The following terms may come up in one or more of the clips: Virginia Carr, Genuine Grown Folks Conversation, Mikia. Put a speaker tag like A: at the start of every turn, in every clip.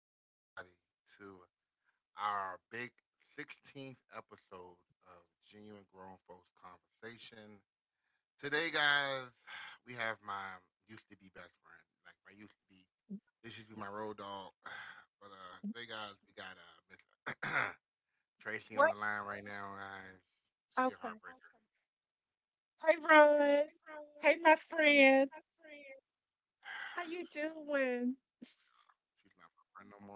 A: welcome, everybody, to our big 16th episode of Genuine Grown Folks Conversation. Today, guys, we have my used to be best friend, like my used to be, this used to be my road dog. But today, guys, we got Miss
B: What?
A: Tracy on the line right now, guys.
B: Okay.
A: She a heartbreaker.
B: Hey, Rod. Hey, my friend. How you doing?
A: Welcome. She's not my friend no more.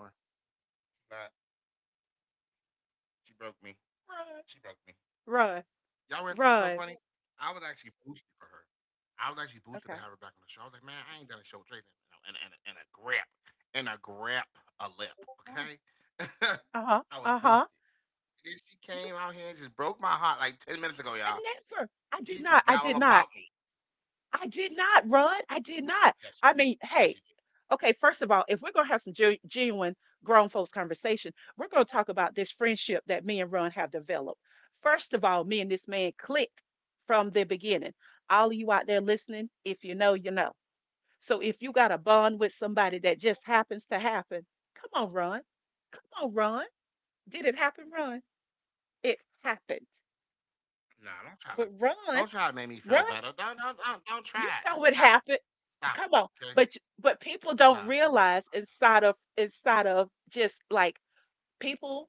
A: Not, She broke me.
B: Rod.
A: She broke me.
B: Rod.
A: Y'all read something funny?
B: Rod.
A: I was actually boosted for her. I was actually boosted to have
B: Okay.
A: her back on the show. I was like, man, I ain't done a show with Drake in a grip, in a grip, a lip,
B: Uh
A: okay?
B: huh.
A: I was
B: Uh huh.
A: boosted. And then she
B: You.
A: came out here and just broke my heart like 10 minutes ago,
B: I
A: y'all.
B: never. I did
A: She
B: not. I
A: forgot
B: did
A: all
B: not.
A: about me.
B: I did not, Rod. I did not. I
A: Yes, she
B: mean,
A: did.
B: hey.
A: Yes, she did.
B: Okay. First of all, if we're gonna have some genuine grown folks conversation, we're gonna talk about this friendship that me and Ron have developed. First of all, me and this man clicked from the beginning. All of you out there listening, if you know, you know. So if you got a bond with somebody that just happens to happen, come on, Ron. Come on, Ron. Did it happen, Ron? It happened.
A: Nah, don't try to,
B: But
A: don't try
B: Ron,
A: to make me feel
B: Ron,
A: better. Don't try it.
B: you
A: Just
B: know
A: stop
B: it
A: it.
B: happened.
A: Stop
B: Come
A: it,
B: on.
A: okay?
B: But people
A: Nah,
B: don't
A: she broke my heart.
B: realize inside of just like people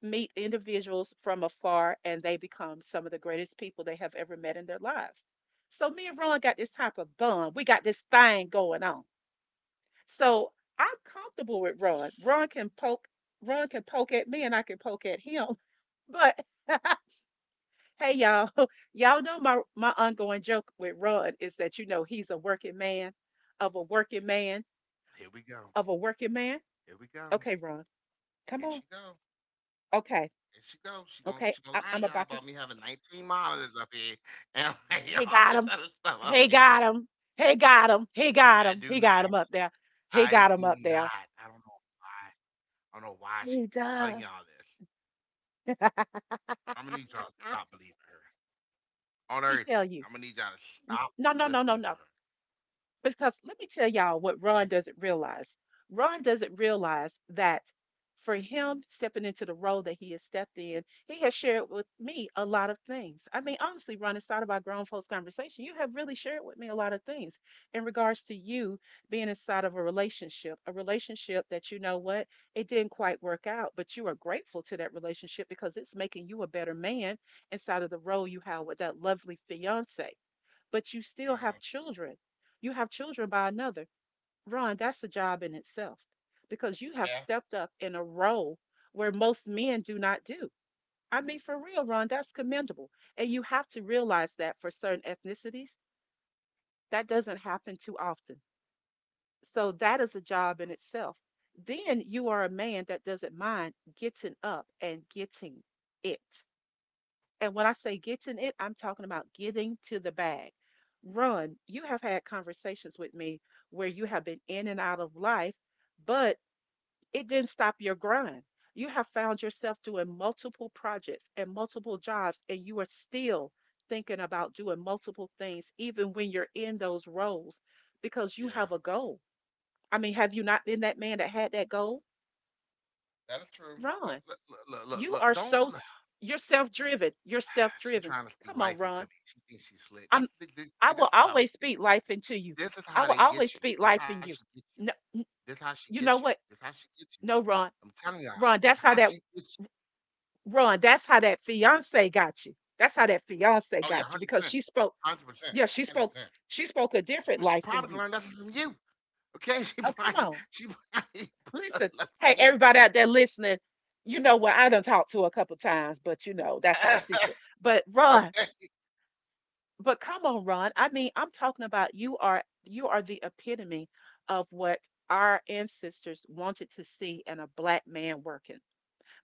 B: meet individuals from afar and they become some of the greatest people they have ever met in their lives. So me and Ron got this type of bond. We got this thing going on. So I'm comfortable with Ron. Ron can poke at me, and I can poke at him. But hey, y'all, y'all know my ongoing joke with Ron is that you know he's a working man, of a working man,
A: Here we go.
B: of a working man.
A: Here we go.
B: Okay, Ron,
A: Here
B: come
A: she
B: on.
A: go.
B: Okay,
A: Here she go. She gonna she
B: okay,
A: gonna
B: I,
A: lie to
B: I'm
A: y'all
B: about to.
A: about me
B: s-
A: having 19 monitors up here and like
B: He
A: all this
B: got him.
A: other stuff up
B: He
A: here.
B: got him. He got him. He got
A: I
B: him.
A: do
B: He got him
A: not.
B: up there. He
A: I
B: got him
A: do
B: up there.
A: not. I don't know why. I don't know why she's
B: He
A: telling
B: does.
A: y'all this.
B: Let
A: I'm gonna need y'all to stop believing her on
B: me tell
A: everything.
B: you.
A: I'm gonna need y'all to stop
B: No, no, no, no,
A: listening to
B: no.
A: her.
B: Because let me tell y'all what Ron
A: Okay.
B: doesn't realize. Ron doesn't realize that for him stepping into the role that he has stepped in, he has shared with me a lot of things. I mean, honestly, Ron, inside of our grown folks conversation, you have really shared with me a lot of things in regards to you being inside of a relationship that, you know what, it didn't quite work out, but you are grateful to that relationship because it's making you a better man inside of the role you have with that lovely fiance, but you still have
A: Mm,
B: children. You have children by another. Ron, that's a job in itself because you have
A: yeah.
B: stepped up in a role where most men do not do. I mean, for real, Ron, that's commendable. And you have to realize that for certain ethnicities, that doesn't happen too often. So that is a job in itself. Then you are a man that doesn't mind getting up and getting it. And when I say getting it, I'm talking about getting to the bag. Run, you have had conversations with me where you have been in and out of life, but it didn't stop your grind. You have found yourself doing multiple projects and multiple jobs, and you are still thinking about doing multiple things, even when you're in those roles, because you have a
A: Yeah.
B: goal. I mean, have you not been that man that had that goal?
A: That is true.
B: Ron,
A: Look, look, look,
B: you
A: look,
B: are
A: look,
B: so,
A: don't.
B: s- you're self driven. You're self driven.
A: She trying to
B: Come on,
A: speak
B: Ron.
A: life into me. She thinks she's
B: I'm
A: slick. That's the,
B: I
A: this,
B: will
A: this is
B: always
A: how.
B: speak life into you.
A: This
B: I
A: is
B: will
A: how they
B: always speak
A: get you.
B: life
A: This
B: in
A: is how
B: you.
A: she gets
B: No,
A: you. That's how
B: you
A: she
B: know
A: gets you.
B: what?
A: That's how she gets
B: No,
A: you.
B: Ron.
A: I'm telling
B: Ron,
A: y'all.
B: that's how
A: That's
B: that
A: how she gets you.
B: Ron, that's how that fiance got you. That's how that fiance
A: Oh yeah,
B: got you
A: hundred
B: because
A: percent,
B: she spoke,
A: 100%,
B: yeah,
A: hundred percent.
B: she spoke a different
A: Well,
B: life
A: she
B: in you.
A: probably learned nothing from you. Okay,
B: Oh,
A: she
B: come on.
A: probably she probably
B: Listen.
A: learned
B: Hey,
A: from you.
B: everybody out there listening, you know what? I done talked to her a couple times, but you know, that's our secret. But Ron,
A: Okay.
B: but come on, Ron. I mean, I'm talking about you are the epitome of what our ancestors wanted to see in a black man working,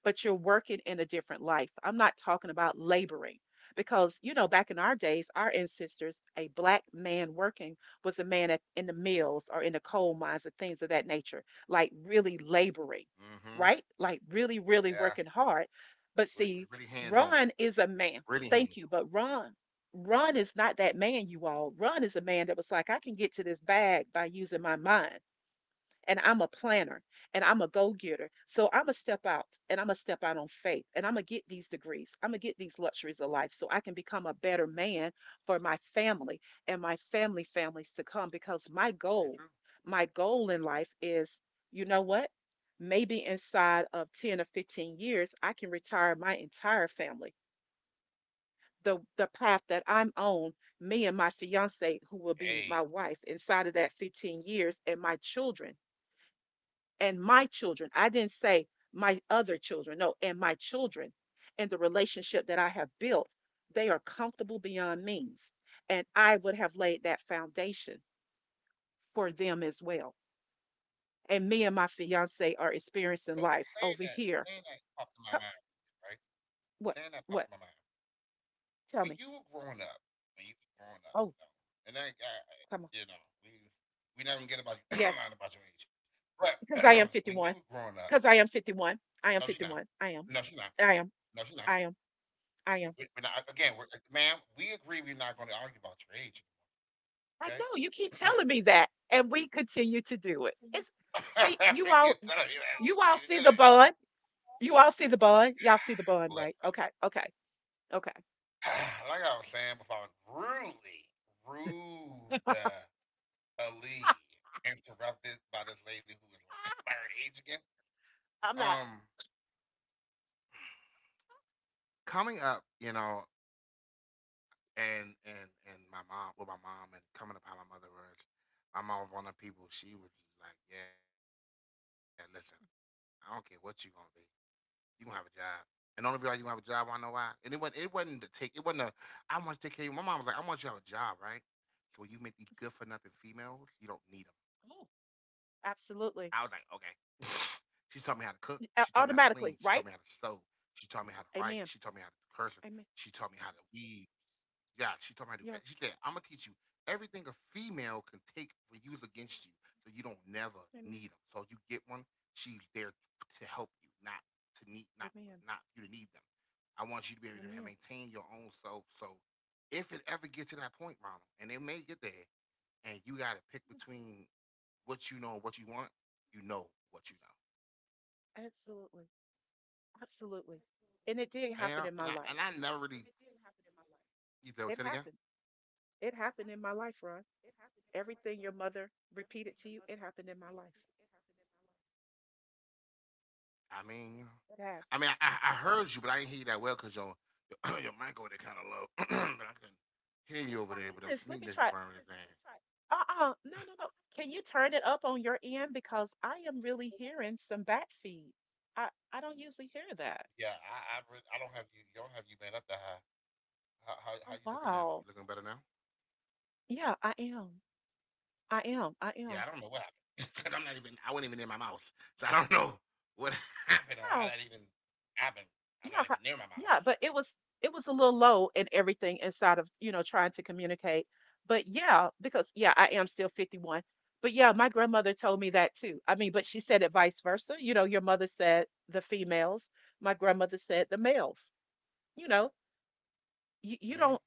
B: but you're working in a different life. I'm not talking about laboring because, you know, back in our days, our ancestors, a black man working was a man at, in the mills or in the coal mines and things of that nature,
A: Mm-hmm.
B: like really
A: Yeah.
B: laboring, right? Like
A: It was
B: really,
A: really
B: really
A: hands
B: working
A: on.
B: hard. But
A: Really
B: see,
A: hands on.
B: Ron is a man. Thank you. But Ron, Ron is not that man, you all. Ron is a man that was like, I can get to this bag by using my mind and I'm a planner and I'm a go getter. So I'm going to step out and I'm going to step out on faith and I'm going to get these degrees. I'm going to get these luxuries of life so I can become a better man for my family and my
A: Very true.
B: family families to come because my goal in life is, you know what? Maybe inside of 10 or 15 years, I can retire my entire family. The path that I'm on, me
A: Hey.
B: and my fiance, who will be my wife, inside of that 15 years, and my children and my children. I didn't say my other children. No, and my children and the relationship that I have built, they are comfortable beyond means. And I would have laid that foundation for them as well. And me and my fiance
A: So
B: are
A: saying
B: experiencing
A: that,
B: life
A: saying
B: over
A: that
B: here.
A: popped in my mind,
B: Come,
A: right? Saying that popped
B: what?
A: in my mind.
B: What?
A: When you were
B: Tell me.
A: growing up, when you were growing up, you know,
B: Oh,
A: and I you
B: come on.
A: know, we we not gonna get about
B: Yes,
A: lying about your age, but
B: because I
A: when
B: am
A: you were
B: 51.
A: growing up,
B: Because I am 51.
A: no, she
B: I am
A: not,
B: 51. I
A: no, she
B: am.
A: not,
B: I am.
A: no, she not.
B: I am. I am.
A: We're not again, we're, ma'am, we agree we're not going to argue about your age,
B: I
A: okay?
B: know you keep telling me that, and we continue to do it. It's see,
A: We can tell you that we
B: you all
A: continue to
B: see
A: do
B: the
A: it.
B: bond. You all see the bond. Y'all see the bond, right?
A: Look,
B: Okay, okay, okay.
A: like I was saying before, I was rudely interrupted by this lady who was lying about her age again.
B: I'm not.
A: Um, coming up, you know, and my mom, well, my mom, and coming up how my mother was, my mom was one of the people. She was like, "Yeah, listen, I don't care what you gonna be, you gonna have a job." And the only reason you gonna have a job, I know why. And it wasn't to take, it wasn't a, I want to take care of you. My mom was like, I want you to have a job, right? So when you meet these good for nothing females, you don't need them.
B: s-
A: I was like, okay. She taught me
B: Absolutely,
A: how to cook. She taught me how to clean. She taught me how to sew. She taught me how to
B: Automatically,
A: write.
B: right?
A: She taught me how to do cursive. She taught me
B: Amen.
A: how to weave.
B: Amen.
A: Yeah, she told me how to do. She said, "I'm gonna teach you
B: Yeah.
A: everything a female can take for use against you, so you don't never need them. So you get one,
B: Amen.
A: she's there to help you, not you to need them.
B: Amen.
A: I want you to be able to maintain your own
B: Amen.
A: self. So if it ever get to that point, Ronald, and it may get there, and you got to pick between
B: Yes,
A: what you know and what you want, you know what you know.
B: yes, absolutely, absolutely. And it
A: And, you
B: did
A: know,
B: happen in my
A: and I
B: life.
A: never really life. You know, say it
B: It
A: again.
B: happened. It happened in my life, Ron. Everything your mother repeated to you, it happened in my life.
A: I mean,
B: It has.
A: I mean, I heard you, but I didn't hear you that well because your, your mic over there kind of low, but I can hear you over
B: My
A: there. But I'm
B: goodness, let me
A: sneaking at you
B: try.
A: permanent thing. Right.
B: Uh-uh, no, no, no. Can you turn it up on your end? Because I am really hearing some back feed. I don't usually hear that.
A: Yeah, really, I don't have you. You don't have you been up that high. How you
B: Oh,
A: looking now? You
B: wow.
A: looking better now?
B: Yeah, I am. I am. I
A: Yeah, I
B: am.
A: don't know what happened. 'Cause I'm not even. I wasn't even in my mouth, so I don't know what happened or how
B: Wow.
A: that even happened. I'm
B: Yeah.
A: not even near my mouth.
B: Yeah, but it was, it was a little low and everything inside of, you know, trying to communicate. But yeah, because yeah, I am still 51. But yeah, my grandmother told me that too. I mean, but she said it vice versa. You know, your mother said the females, my grandmother said the males. You know, you
A: Hmm.
B: don't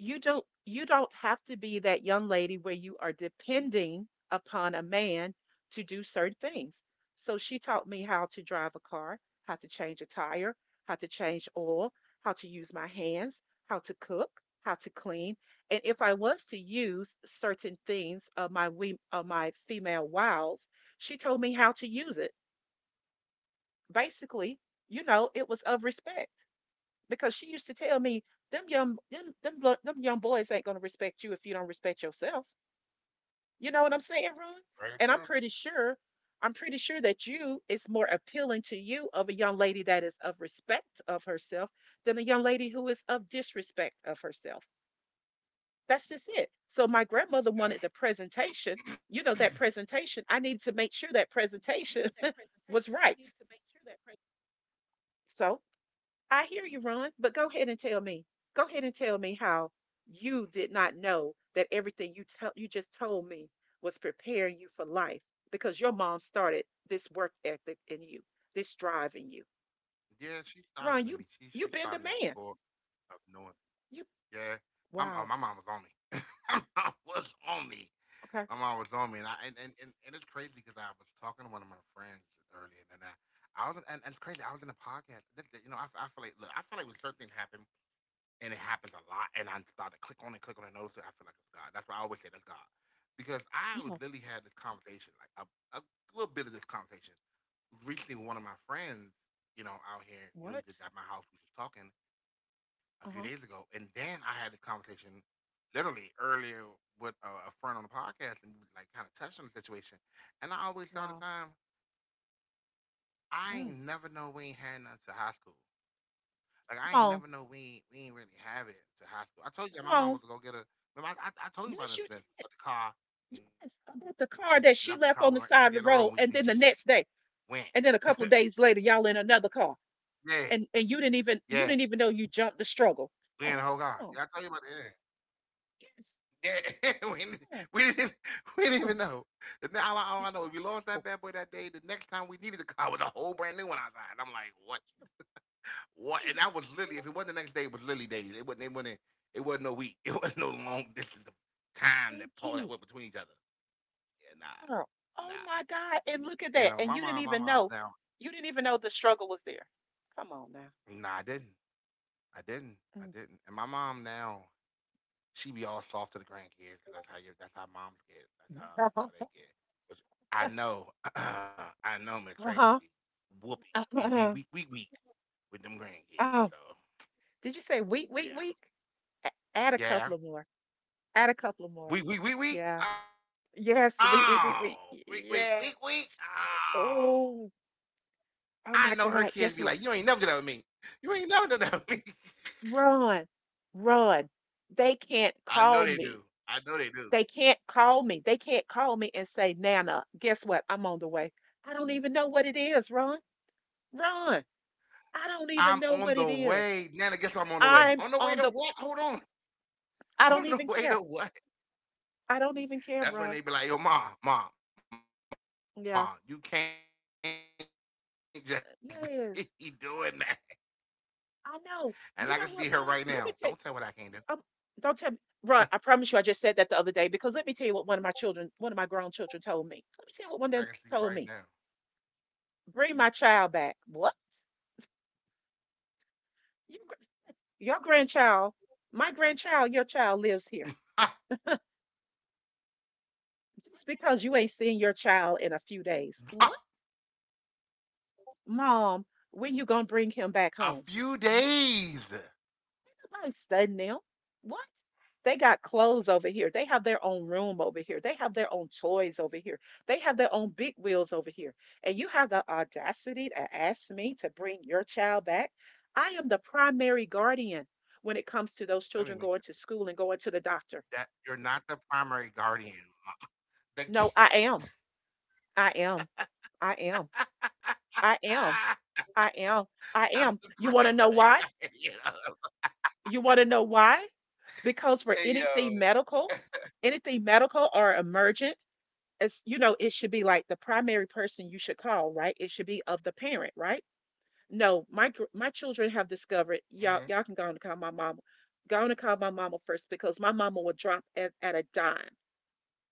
B: you don't you don't have to be that young lady where you are depending upon a man to do certain things. So she taught me how to drive a car, how to change a tire, how to change oil, how to use my hands, how to cook, how to clean. And if I was to use certain things of my we of my female wiles, she told me how to use it. Basically, you know, it was of respect, because she used to tell me, them young boys ain't gonna respect you if you don't respect yourself. You know what I'm saying, Ron? And
A: Very true.
B: I'm pretty sure that you, it's more appealing to you of a young lady that is of respect of herself than a young lady who is of disrespect of herself. That's just it. So my grandmother wanted the
A: Yeah.
B: presentation. You know that presentation. I needed to make sure that presentation was right. So I hear you, Ron, but go ahead and tell me. Go ahead and tell me how you did not know that everything you tell you just told me was preparing you for life, because your mom started this work ethic in you, this drive in you.
A: Yeah, she started
B: Ron,
A: at me. She
B: you been
A: started
B: the
A: me at the
B: man.
A: core of knowing.
B: You
A: Yeah.
B: wow.
A: My mom was on me. My mom was on me.
B: Okay.
A: My mom was on me, and and it's crazy because I was talking to one of my friends earlier, and it's crazy. I was in a podcast. You know, I feel like look, I feel like when certain things happen, and it happens a lot. And I start to click on it, notice it. I feel like it's God. That's why I always say that's God, because
B: Yeah.
A: I was literally had this conversation, a little bit of this conversation, recently with one of my friends, you know, out here,
B: What?
A: you know, at my house, we was talking a few days ago,
B: Uh-huh.
A: and then I had the conversation literally earlier with a friend on the podcast, and we was, like kind of touched on the situation. And I always thought at the
B: Wow.
A: time, I ain't never know
B: Mm.
A: we ain't had nothing to high school. Like, I ain't never know
B: Come on.
A: we ain't really have it to high school. I told you that my mom was to
B: Come
A: go get
B: on.
A: a. Remember, I told you about this thing
B: Yes, you did.
A: about the car, and
B: Yes.
A: she left the car. We
B: About the
A: went right down
B: car
A: the
B: that
A: road.
B: she
A: We
B: left on the
A: just
B: side of the road and then
A: went.
B: the next day. And then a couple of days later, y'all in another
A: Yeah,
B: car. And
A: yeah,
B: you didn't even, know you jumped the
A: we in the whole
B: struggle.
A: car. Yeah, I
B: Oh,
A: told you about
B: oh,
A: that. Yeah,
B: yes,
A: yeah. We didn't even-
B: oh,
A: we didn't even know.
B: oh,
A: The now all I know is we
B: it-
A: lost that bad boy
B: oh,
A: that day. The next time we needed the car was a whole brand new one outside. I'm like, what?
B: thank
A: What? And that
B: you,
A: was literally, if it wasn't the next day, it was literally days. It wasn't. It wasn't. It wasn't no week. It wasn't no long distance of time
B: thank
A: that Paul
B: you,
A: that went between each other. Yeah, nah,
B: girl. Oh my
A: nah.
B: God! And look at that, and
A: You
B: you
A: know,
B: didn't even know,
A: my mom
B: you
A: now.
B: didn't even know the struggle was there. Come on now.
A: Nah, I didn't. I
B: Mm.
A: didn't. I didn't. And my mom now, she be all soft to the grandkids because that's how you. That's how moms get.
B: Uh
A: That's how they get. Which I know. I
B: huh.
A: know Miss Tracy be
B: Uh-huh.
A: whooping. Be weak, weak, weak
B: Oh,
A: with them grandkids.
B: did
A: So
B: you say week, week, week? A-
A: yeah,
B: Add a couple of more.
A: yeah.
B: Add a couple of more. Yeah.
A: Weak, weak, weak, weak.
B: Yes. Week, week, week, week.
A: Oh, weak, weak,
B: Yeah.
A: weak, weak. Oh,
B: Oh. Oh
A: I
B: my
A: know her
B: God.
A: kids be
B: Guess
A: like, you ain't never done that with me. You ain't never done that with me.
B: Run, run. They can't
A: I know they
B: call
A: do.
B: me.
A: I know they do.
B: They can't call me. They can't call me and say, Nana, guess what? I'm on the way. I don't even know what it is, Ron. Ron, I don't even
A: I'm
B: know
A: on
B: what it
A: the
B: is.
A: way, Nana. Guess what? I'm on the way.
B: I'm
A: On the way
B: on
A: to
B: the,
A: what? Hold on.
B: I don't
A: On the
B: even
A: way to
B: care.
A: what?
B: I don't even care,
A: That's
B: Ron.
A: when they be like, yo, mom,
B: Yeah.
A: you can't just be doing
B: Yes.
A: that.
B: I know.
A: And
B: You
A: I can
B: know
A: see
B: what,
A: her
B: Ron?
A: right
B: Let me
A: now.
B: tell
A: Don't tell what I can't do.
B: um, don't tell me. Ron, I promise you I just said that the other day because let me tell you what one of my children, one of my grown children told me. Let me tell you what one of
A: I
B: them
A: can see
B: told
A: right
B: me.
A: now.
B: Bring my child back. What? Your, your grandchild, my grandchild, your child lives here. Just because you ain't seen your child in a few days. What, mom, when you gonna bring him back
A: A
B: home?
A: few
B: What,
A: days.
B: nobody studying them? What? They got clothes over here. They have their own room over here. They have their own toys over here. They have their own big wheels over here. And you have the audacity to ask me to bring your child back. I am the primary guardian when it comes to those children going to
A: Let me make
B: school
A: sure.
B: and going to the doctor.
A: That you're not the primary guardian. mo-
B: No, I
A: The
B: am. I am. I am. I am. I
A: ah,
B: am. I am. You want to know
A: I'm the
B: why?
A: primary guardian.
B: You want to know why? Because for
A: Hey yo.
B: anything medical or emergent, it's it should be like the primary person you should call, right? It should be of the parent, right? No, my children have discovered y'all can go on
A: Hmm.
B: and call my mama. Go on and call my mama first because my mama will drop at a dime.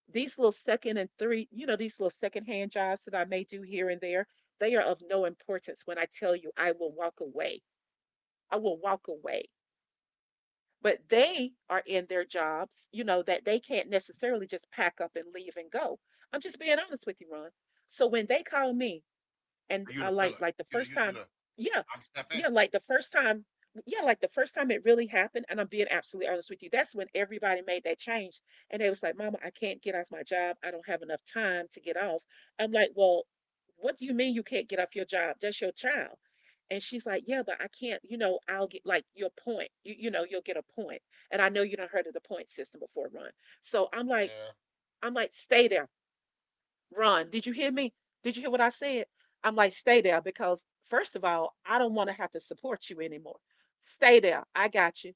B: These little second and three, you know, these little secondhand jobs that I may do here and there, they are of no importance when I tell you I will walk away. I will walk away. But they are in their jobs, that they can't necessarily just pack up and leave and go. I'm just being honest with you, Ron. So when they call me and I like the
A: You the
B: first
A: filler.
B: time,
A: You the you the,
B: yeah,
A: you the
B: yeah, like
A: I'm
B: the first
A: stepping.
B: time, yeah, like the first time it really happened, and I'm being absolutely honest with you, that's when everybody made that change, and they was like, "Mama, I can't get off my job. I don't have enough time to get off." I'm like, "Well, what do you mean you can't get off your job? That's your child." And she's like, "Yeah, but I can't. I'll get like your point. You'll get a point. And I know you don't heard of the point system before, Ron. So I'm like, I'm
A: Yeah.
B: like, stay there. Run. Did you hear me? Did you hear what I said? I'm like, stay there because, first of all, I don't want to have to support you anymore. Stay there. I got you.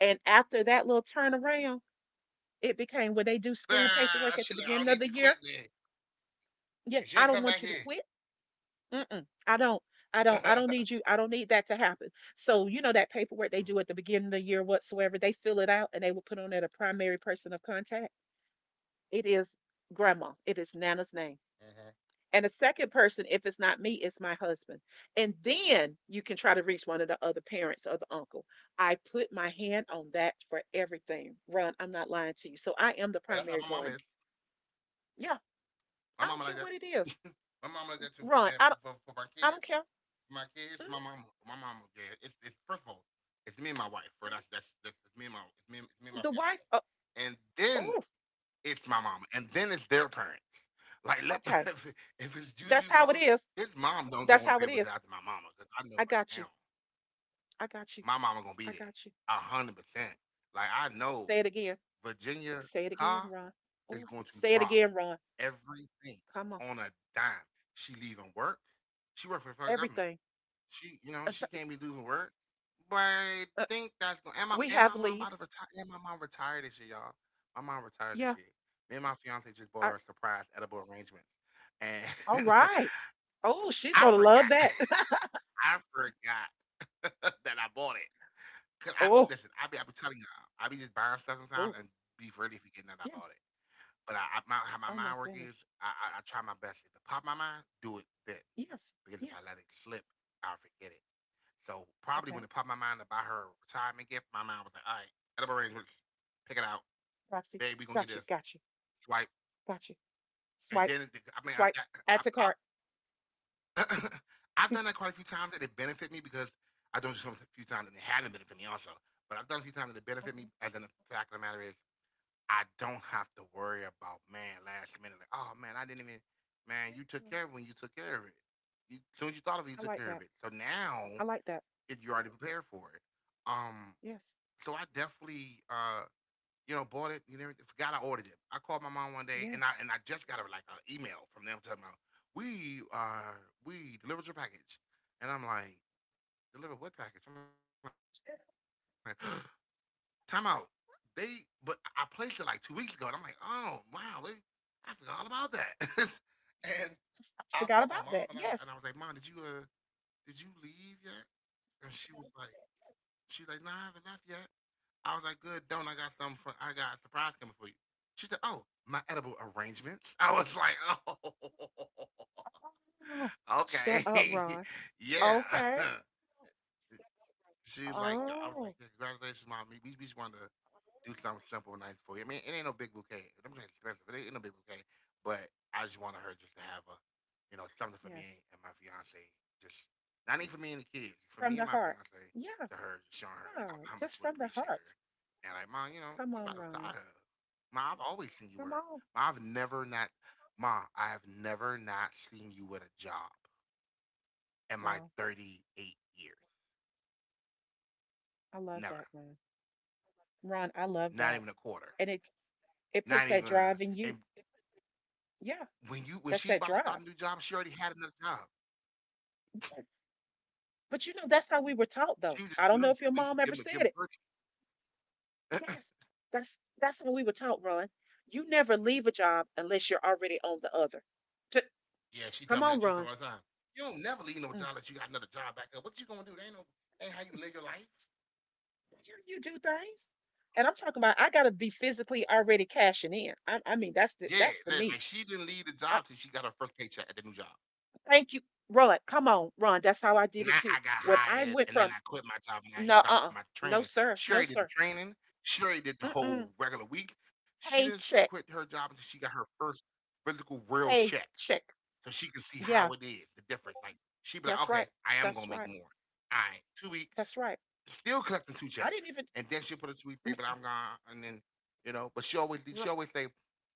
B: And after that little turnaround, it
A: Nah,
B: became
A: she
B: when
A: like, I
B: they
A: don't
B: do
A: need you
B: school
A: quitting then.
B: paperwork at the beginning of the year.
A: Cause you ain't come back here.
B: Yeah, I don't want you to quit. Mm-mm, I don't. I don't. I don't need you. I don't need that to happen. So you know
A: Mm-hmm.
B: that paperwork they do at the beginning of the year, whatsoever, they fill it out and they will put on there the primary person of contact. It is grandma. It is Nana's name. And the second person, if it's not me, it's my husband. And then you can try to reach one of the other parents or the uncle. I put my hand on that for everything. Ron, I'm not lying to you. So I
A: But
B: am the
A: that's how my
B: primary
A: mama is.
B: guardian. Yeah,
A: My
B: I
A: mama
B: don't
A: like that.
B: care what it is.
A: My mama like that too.
B: Ron,
A: Yeah,
B: I don't, I don't care.
A: for my kids,
B: Mhm,
A: my mama. Yeah, it's first of all, it's me and my wife. For
B: mhm.
A: that's me and my it's me and my
B: The wife,
A: fiance. And then
B: oh,
A: it's my mama, and then it's their parents. Like, let
B: okay.
A: if, it's
B: That's
A: Juju
B: how it
A: mom,
B: is.
A: his mom don't go
B: That's
A: on the
B: how it
A: table
B: is.
A: to after my mama because I know
B: I
A: right
B: got you.
A: now
B: I got you.
A: my mama gonna be
B: I
A: there
B: got you.
A: 100%. Like I know
B: Say it again.
A: Virginia
B: Say it again,
A: Carr
B: Ron.
A: is
B: Oh,
A: going to
B: say it
A: drop
B: again, Ron.
A: everything
B: Come on.
A: on a dime. She leaving work. She worked for the federal government.
B: Everything.
A: She,
B: Uh,
A: she can't be losing work. But I
B: uh,
A: think that's going. And my
B: we
A: and my
B: have
A: mom
B: leave.
A: about to retire. And my mom retired this year, y'all. My mom retired this
B: Yeah.
A: year. Me and my fiance just bought her
B: Ar-
A: a surprise edible arrangement, and
B: All right. Oh, she's
A: I
B: gonna love
A: forgot.
B: that.
A: I forgot that I bought it. Cause I be
B: Oh,
A: listen, I be I be telling y'all, I be just buying stuff sometimes
B: oh,
A: and be really forgetting that I
B: yes.
A: bought it. But how my
B: Oh my
A: mind work
B: goodness.
A: is, I try my best. If it pop my mind, do it then.
B: Yes,
A: Because if I let
B: yes.
A: it slip, I'll forget it. So probably when it
B: Okay.
A: popped my mind to buy her a retirement gift, my mind was like, all right, set up arrangements, pick it out.
B: Roxy,
A: Babe, we gonna get
B: got you.
A: this
B: Got you.
A: swipe.
B: Got you.
A: And
B: Swipe.
A: then, it, I mean,
B: Swipe. Add to
A: I,
B: cart.
A: I've, I've done that quite a few times and it benefit me because I've done it a few times and it hasn't benefited me also. But I've done it a few times and it benefited me.
B: Okay.
A: And then the fact of the matter is, I don't have to worry about, man, last minute, like, oh, man, I didn't even, man,
B: Yeah,
A: you
B: yeah.
A: took care of it when you took care of it. You, as soon as you thought of
B: I
A: it, you
B: like
A: took care
B: that.
A: of it. So now
B: I like that.
A: it, you're already prepared for it. Um,
B: Yes.
A: So I definitely, bought it. You know, forgot I ordered it. I called my mom one
B: Yes,
A: day, and I just got a, like an email from them telling me, "We are we delivered your package," and I'm like, "Delivered what package?" I'm like,
B: yes.
A: "Time out." They, but I placed it like 2 weeks ago, and I'm like, "Oh wow, they, I forgot all about that." And I called my mom,
B: I
A: and I was, and
B: forgot
A: I was
B: about
A: like, "Mom,
B: that. Yes.
A: did you leave yet?" And she was like, "She's like, nah, I haven't left yet." I was like, good, don't. I got something for, I got a surprise coming for you. She said, oh, my edible arrangements. I was like, oh,
B: Oh, shut
A: okay.
B: up, Ron.
A: Yeah.
B: Okay.
A: She's like, I was
B: Oh,
A: like, yeah, congratulations, mom. We just wanted to do something simple and nice for you. I mean, it ain't no big bouquet. I'm saying expensive. It ain't no big bouquet. But I just wanted her just to have a something for
B: yes.
A: me and my fiance. Just not even for me and the kids, for
B: From
A: me
B: the
A: and my
B: heart.
A: fiance
B: Yeah.
A: to her, just showing her like
B: Yeah.
A: how much
B: Just
A: we
B: from the
A: appreciate
B: heart.
A: her. And like, mom, you know,
B: Come
A: you
B: on,
A: about to
B: Ron.
A: retire. Ma, I've always seen you
B: Come
A: work.
B: on.
A: Ma, I've never not, ma, I have never not seen you with a job in my
B: Wow.
A: 38 years.
B: I love
A: Never.
B: that, Ron. Ron, I love
A: Not
B: that.
A: even a quarter.
B: And it puts
A: Not
B: that
A: even a.
B: drive in you.
A: And
B: Yeah,
A: when
B: that's
A: she's
B: that
A: about to start
B: drive.
A: a new job, she already had another job.
B: Yes. But you know, that's how we were taught
A: She
B: though.
A: was just
B: I don't
A: giving
B: know
A: them
B: if
A: two
B: your
A: weeks to
B: mom ever
A: give
B: said
A: them
B: it.
A: cookie.
B: Yes. That's how we were taught, Ron. You never leave a job unless you're already on the other. T-
A: Yeah, she
B: Come
A: tell me
B: on,
A: that. She tell
B: Ron.
A: me all the time. You don't never leave no
B: Mm.
A: job that you got another job back up. What you gonna do? They ain't no that ain't how you live your life.
B: You do things. And I'm talking about I gotta be physically already cashing in. I mean that's the
A: Yeah,
B: that's the me.
A: like she didn't leave the
B: I,
A: job till she got her first paycheck at the new job.
B: thank you, Ron. Come on, Ron. That's how I did it
A: Now
B: too.
A: I got
B: When I
A: hired
B: went
A: and then
B: from,
A: I quit my job and I ain't
B: no,
A: start my
B: uh-uh.
A: training.
B: No,
A: She
B: sir.
A: already did
B: No,
A: the
B: sir.
A: training. She already did the whole
B: Mm-mm.
A: regular week. She didn't quit
B: Paycheck.
A: her job until she got her first physical real check.
B: Paycheck.
A: So she can see how
B: Yeah,
A: it is, the difference. Like she be like,
B: that's
A: okay,
B: right.
A: I am
B: That's
A: gonna make
B: right.
A: more. All right, 2 weeks.
B: That's right.
A: Still collecting two
B: I didn't
A: checks.
B: even.
A: And then she'll put a tweet say, "But
B: Mm,
A: I'm gone." And then, but she always she
B: mm.
A: always say,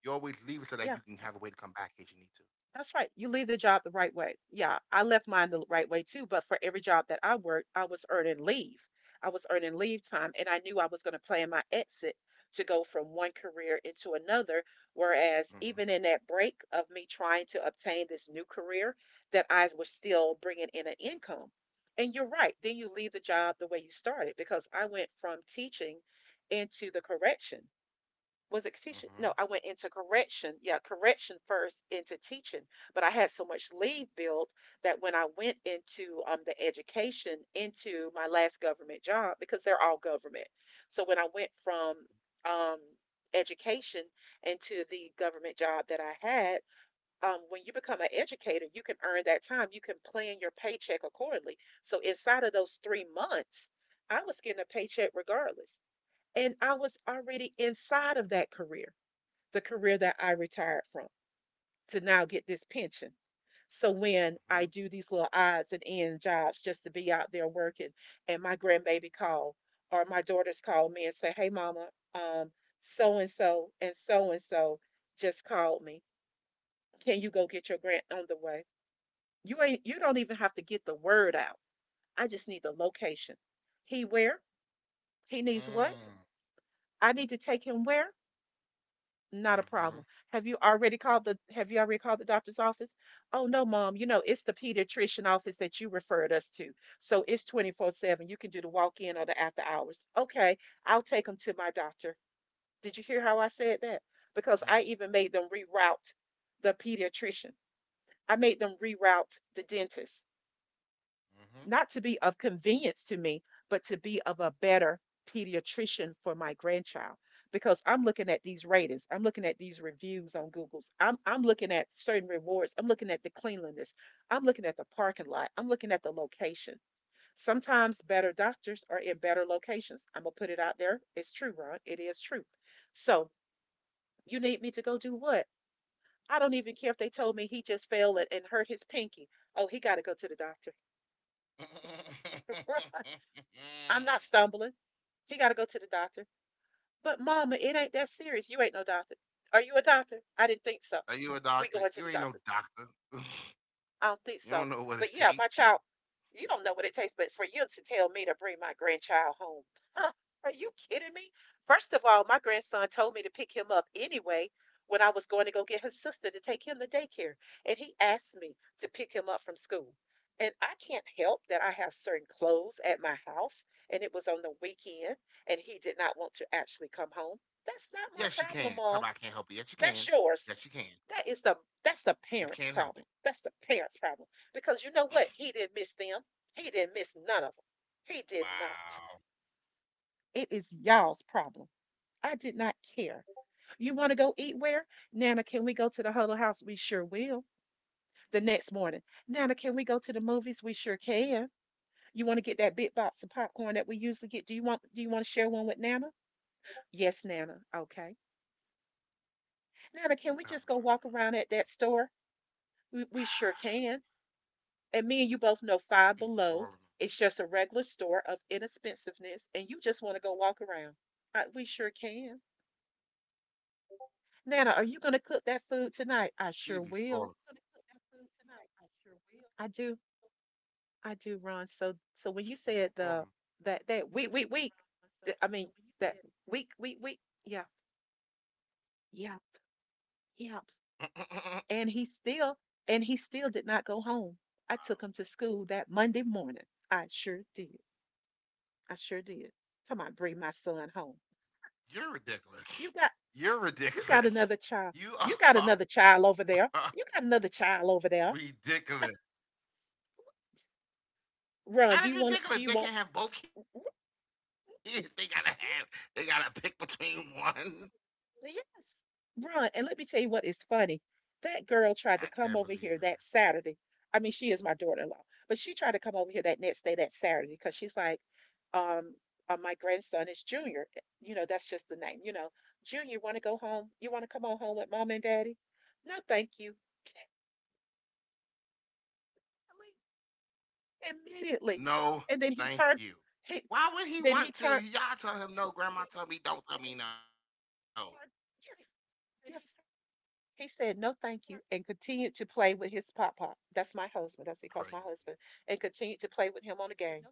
A: you always leave it so that
B: R-
A: you can have a way to come back in case you need to.
B: That's right. You leave the job the right way. Yeah, I left mine the right way too, but for every job that I worked, I was earning leave. I was earning leave time, and I knew I was going to plan my exit to go from one career into another. Whereas, even
A: Mm-hmm.
B: in that break of me trying to obtain this new career, that I was still bringing in an income. And you're right. Then you leave the job the way you started because I went from teaching into the correction. Was it teaching? No, I
A: Mm-hmm.
B: went into correction. Yeah, correction first into teaching. But I had so much leave built that when I went into the education into my last government job, because they're all government. So when I went from um, education into the government job that I had, when you become an educator, you can earn that time. You can plan your paycheck accordingly. So inside of those 3 months, I was getting a paycheck regardless. And I was already inside of that career, the career that I retired from to now get this pension. So when I do these little odds and end jobs just to be out there working, and my grandbaby call or my daughters call me and say, "Hey, mama, um, so and so and so and so just called me. Can you go get your grant on the way?" You don't even have to get the word out. I just need the location. He where? He needs what?
A: Mm-hmm.
B: I need to take him where? Not a problem.
A: Mm,
B: Have you already called the doctor's office? Oh no, mom, you know, it's the pediatrician office that you referred us to. So it's 24/7. You can do the walk-in or the after hours. Okay, I'll take them to my doctor. Did you hear how I said that? Because I even made them reroute the pediatrician. I made them reroute the dentist not to be of convenience to me, but to be of a better pediatrician for my grandchild. Because I'm looking at these ratings, I'm looking at these reviews on Google's, I'm looking at certain rewards, I'm looking at the cleanliness, I'm looking at the parking lot, I'm looking at the location. Sometimes better doctors are in better locations. I'm gonna put it out there. It's true, Ron. It is true. So you need me to go do what? I don't even care if they told me he just fell and, hurt his pinky. Oh, he got to go to the doctor.
A: mhm,
B: Right.
A: mhm.
B: I'm not stumbling. He got to go to the doctor. But mama, it ain't that serious. You ain't no doctor. Are you a doctor? I didn't think so. We going to the
A: Are you a
B: doctor.
A: doctor? You ain't no doctor.
B: I don't think so. But
A: You
B: yeah,
A: don't
B: my
A: know what it
B: child,
A: take.
B: you don't know what it takes, but for you to tell me to bring my grandchild home. Huh, are you kidding me? First of all, my grandson told me to pick him up anyway when I was going to go get his sister to take him to daycare. And he asked me to pick him up from school. And I can't help that I have certain clothes at my house, and it was on the weekend, and he did not want to actually come home.
A: Yes, you
B: That's
A: can.
B: not
A: Talk
B: my
A: about I can't help
B: problem,
A: it. Yes, you
B: Mom.
A: can. Yes, you
B: That's
A: can.
B: yours. That is the
A: You
B: that's the
A: can help it.
B: parents' problem. That's the parents' problem. Because you know what? He didn't miss them. He didn't miss none of them. He did not.
A: Wow.
B: It is y'all's problem. I did not care. You want to go eat where? Nana, can we go to the Huddle House? We sure will. The next morning. Nana, can we go to the movies? We sure can. You want to get that big box of popcorn that we usually get? Do you want to share one with Nana? Yes, Nana. Okay. Nana, can we just go walk
A: Oh
B: around at
A: my
B: that
A: god.
B: store? We sure can. And me and you both know Five Below.
A: She be
B: It's just a
A: spoiling.
B: regular store of inexpensiveness, and you just want to go walk around. I, we sure can. Nana, are you going to cook that food tonight? I sure will.
A: She be falling.
B: I do. I do, Ron. So, so when you
A: She be
B: said the
A: falling.
B: that that week week week, th- I mean that week week week. Yeah, yeah, yeah. And he still and he still did not go home. I took him to school that Monday morning. I sure did. I sure did. Talking about bring my son home.
A: You're
B: You got
A: ridiculous.
B: You got
A: You're
B: another child.
A: ridiculous.
B: You got another
A: You
B: child over
A: are
B: there. You got another child over there.
A: ridiculous.
B: Run. Do
A: That
B: you
A: is
B: want? Do
A: ridiculous.
B: you
A: They
B: want?
A: can have both kids. They gotta have. They gotta pick between one.
B: Yes. Run. And let me tell you what is
A: I
B: funny.
A: can't believe
B: That
A: her.
B: girl tried to come over here that Saturday. I mean, she is my daughter-in-law, but she tried to come over here that next day, that Saturday, because she's like, um, my grandson is Junior. You know, that's just the name. You know, Junior, want to go home? You want to come on home with mom and daddy? No, thank you. Really?
A: No,
B: Immediately.
A: thank
B: And
A: you.
B: then he turned,
A: Why would he
B: he,
A: want to?
B: then he
A: Y'all tell
B: turned,
A: him no. Grandma tell me don't.
B: thank
A: Tell me no.
B: you. Yes, yes. He said, no, thank you, and continued to play with his pop pop.
A: Crazy.
B: That's my husband. That's he calls my husband, and continued to play with him on the game.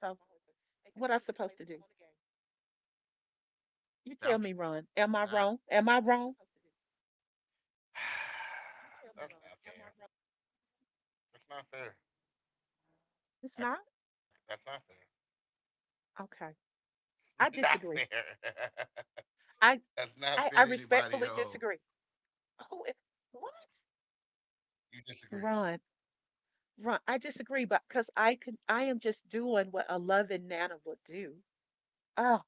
B: So, what am I supposed to do?
A: That's
B: You tell me,
A: ridiculous.
B: Ron.
A: That.
B: Am I wrong? Am I wrong?
A: That's not fair. That's not fair.
B: It's
A: That's
B: not?
A: not fair.
B: Okay.
A: Not fair.
B: I disagree.
A: That's not
B: I,
A: fair to anybody
B: I
A: else.
B: respectfully disagree. Who, what?
A: You disagree.
B: Ron, Ron, I disagree, but because I can, I am just doing what a loving Nana would do. Oh,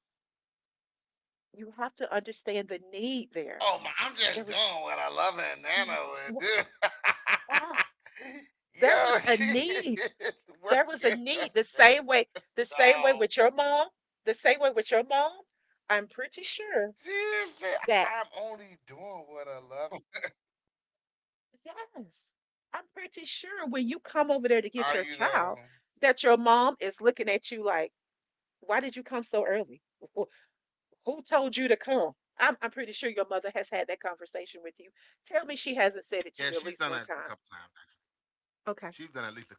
B: you have to understand the need there.
A: Oh my, I'm just
B: There was
A: doing what I love and Nana would do.
B: wow, there was
A: Yo,
B: a
A: she
B: need.
A: is
B: There was a
A: working the
B: need.
A: system.
B: The same way with your mom, the same way with your
A: I'm
B: mom.
A: only
B: I'm
A: doing
B: pretty
A: what a
B: sure
A: loving Nana
B: that
A: would do. Are you though?
B: yes, I'm pretty sure when you come over there to get your child,
A: Are
B: that
A: you
B: your
A: though?
B: mom is looking at you like, why did you come so early? Wh- Who told you to come? I'm pretty sure your mother has had that conversation with you. Tell me she hasn't said it to you at least one
A: Yeah,
B: time.
A: she's done that a couple times.
B: Okay.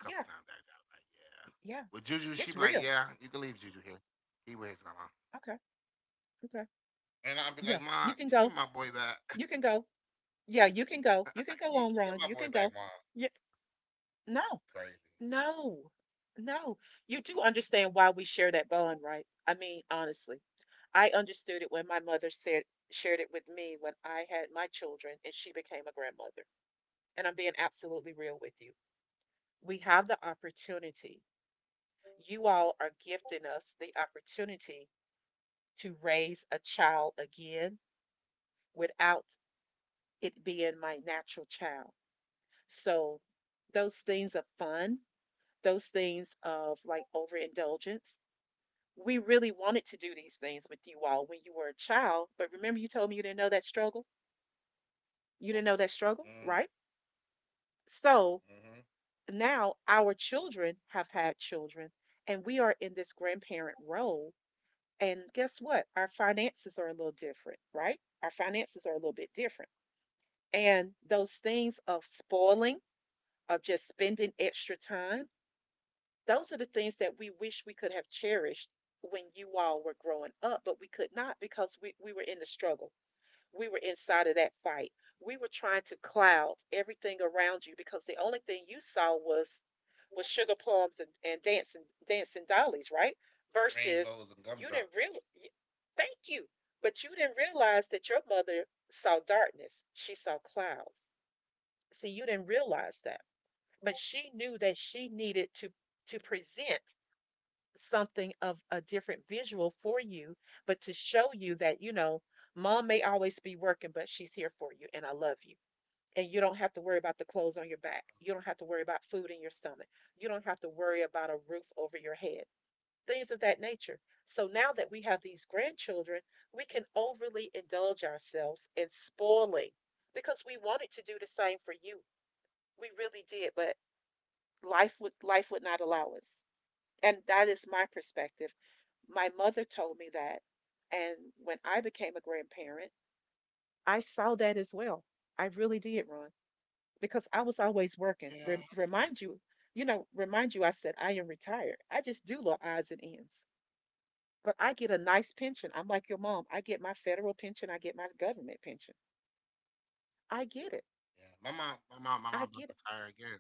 A: She's
B: Yeah.
A: done at least a couple times that. I was
B: Yeah.
A: like, yeah.
B: It's
A: With
B: real.
A: Juju, she'd be like, yeah, you can leave Juju here. He with
B: Okay.
A: his grandma.
B: Okay. Yeah. You
A: And
B: can
A: I'd be
B: go.
A: like, mom, can you get
B: You
A: my
B: can
A: boy
B: go.
A: back?
B: Yeah, you can go. You can go on, Ron. You can
A: Can,
B: go.
A: can you get my
B: Yeah.
A: boy back, mom?
B: No. No.
A: Crazy.
B: No. You do understand why we share that bond, right? I mean, honestly, I understood it when my mother said shared it with me when I had my children and she became a grandmother. And I'm being absolutely real with you. We have the opportunity. You all are gifting us the opportunity to raise a child again without it being my natural child. So those things of fun, those things of like overindulgence. We really wanted to do these things with you all when you were a child, but remember you told me you didn't know that struggle? You didn't know that struggle, right?
A: Mm,
B: So
A: hmm.
B: now our children have had children and we are in this grandparent role. And guess what? Our finances are a little different, right? Our finances are a little bit different. And those things of spoiling of just spending extra time. Those are the things that we wish we could have cherished when you all were growing up, but we could not because we were in the struggle. We were inside of that fight. We were trying to cloud everything around you because the only thing you saw was sugar plums and dancing dancing dollies, right?
A: Rainbows
B: Versus
A: and
B: you
A: gumdrops.
B: didn't real thank you, but you didn't realize that your mother saw darkness. She saw clouds. See, you didn't realize that, but she knew that she needed to present something of a different visual for you, but to show you that, you know, mom may always be working, but she's here for you and I love you. And you don't have to worry about the clothes on your back. You don't have to worry about food in your stomach. You don't have to worry about a roof over your head, things of that nature. So now that we have these grandchildren, we can overly indulge ourselves in spoiling because we wanted to do the same for you. We really did, but life would not allow us. And that is my perspective. My mother told me that, and when I became a grandparent, I saw that as well. I really did, Ron, because I was always working.
A: Yeah.
B: Remind you, you know, remind you, I said I am retired. I just do little odds and ends, but I get a nice pension. I'm like your mom. I get my federal pension. I get my government pension.
A: Yeah. My mom
B: I
A: about to
B: get it.
A: retire again.
B: I get it.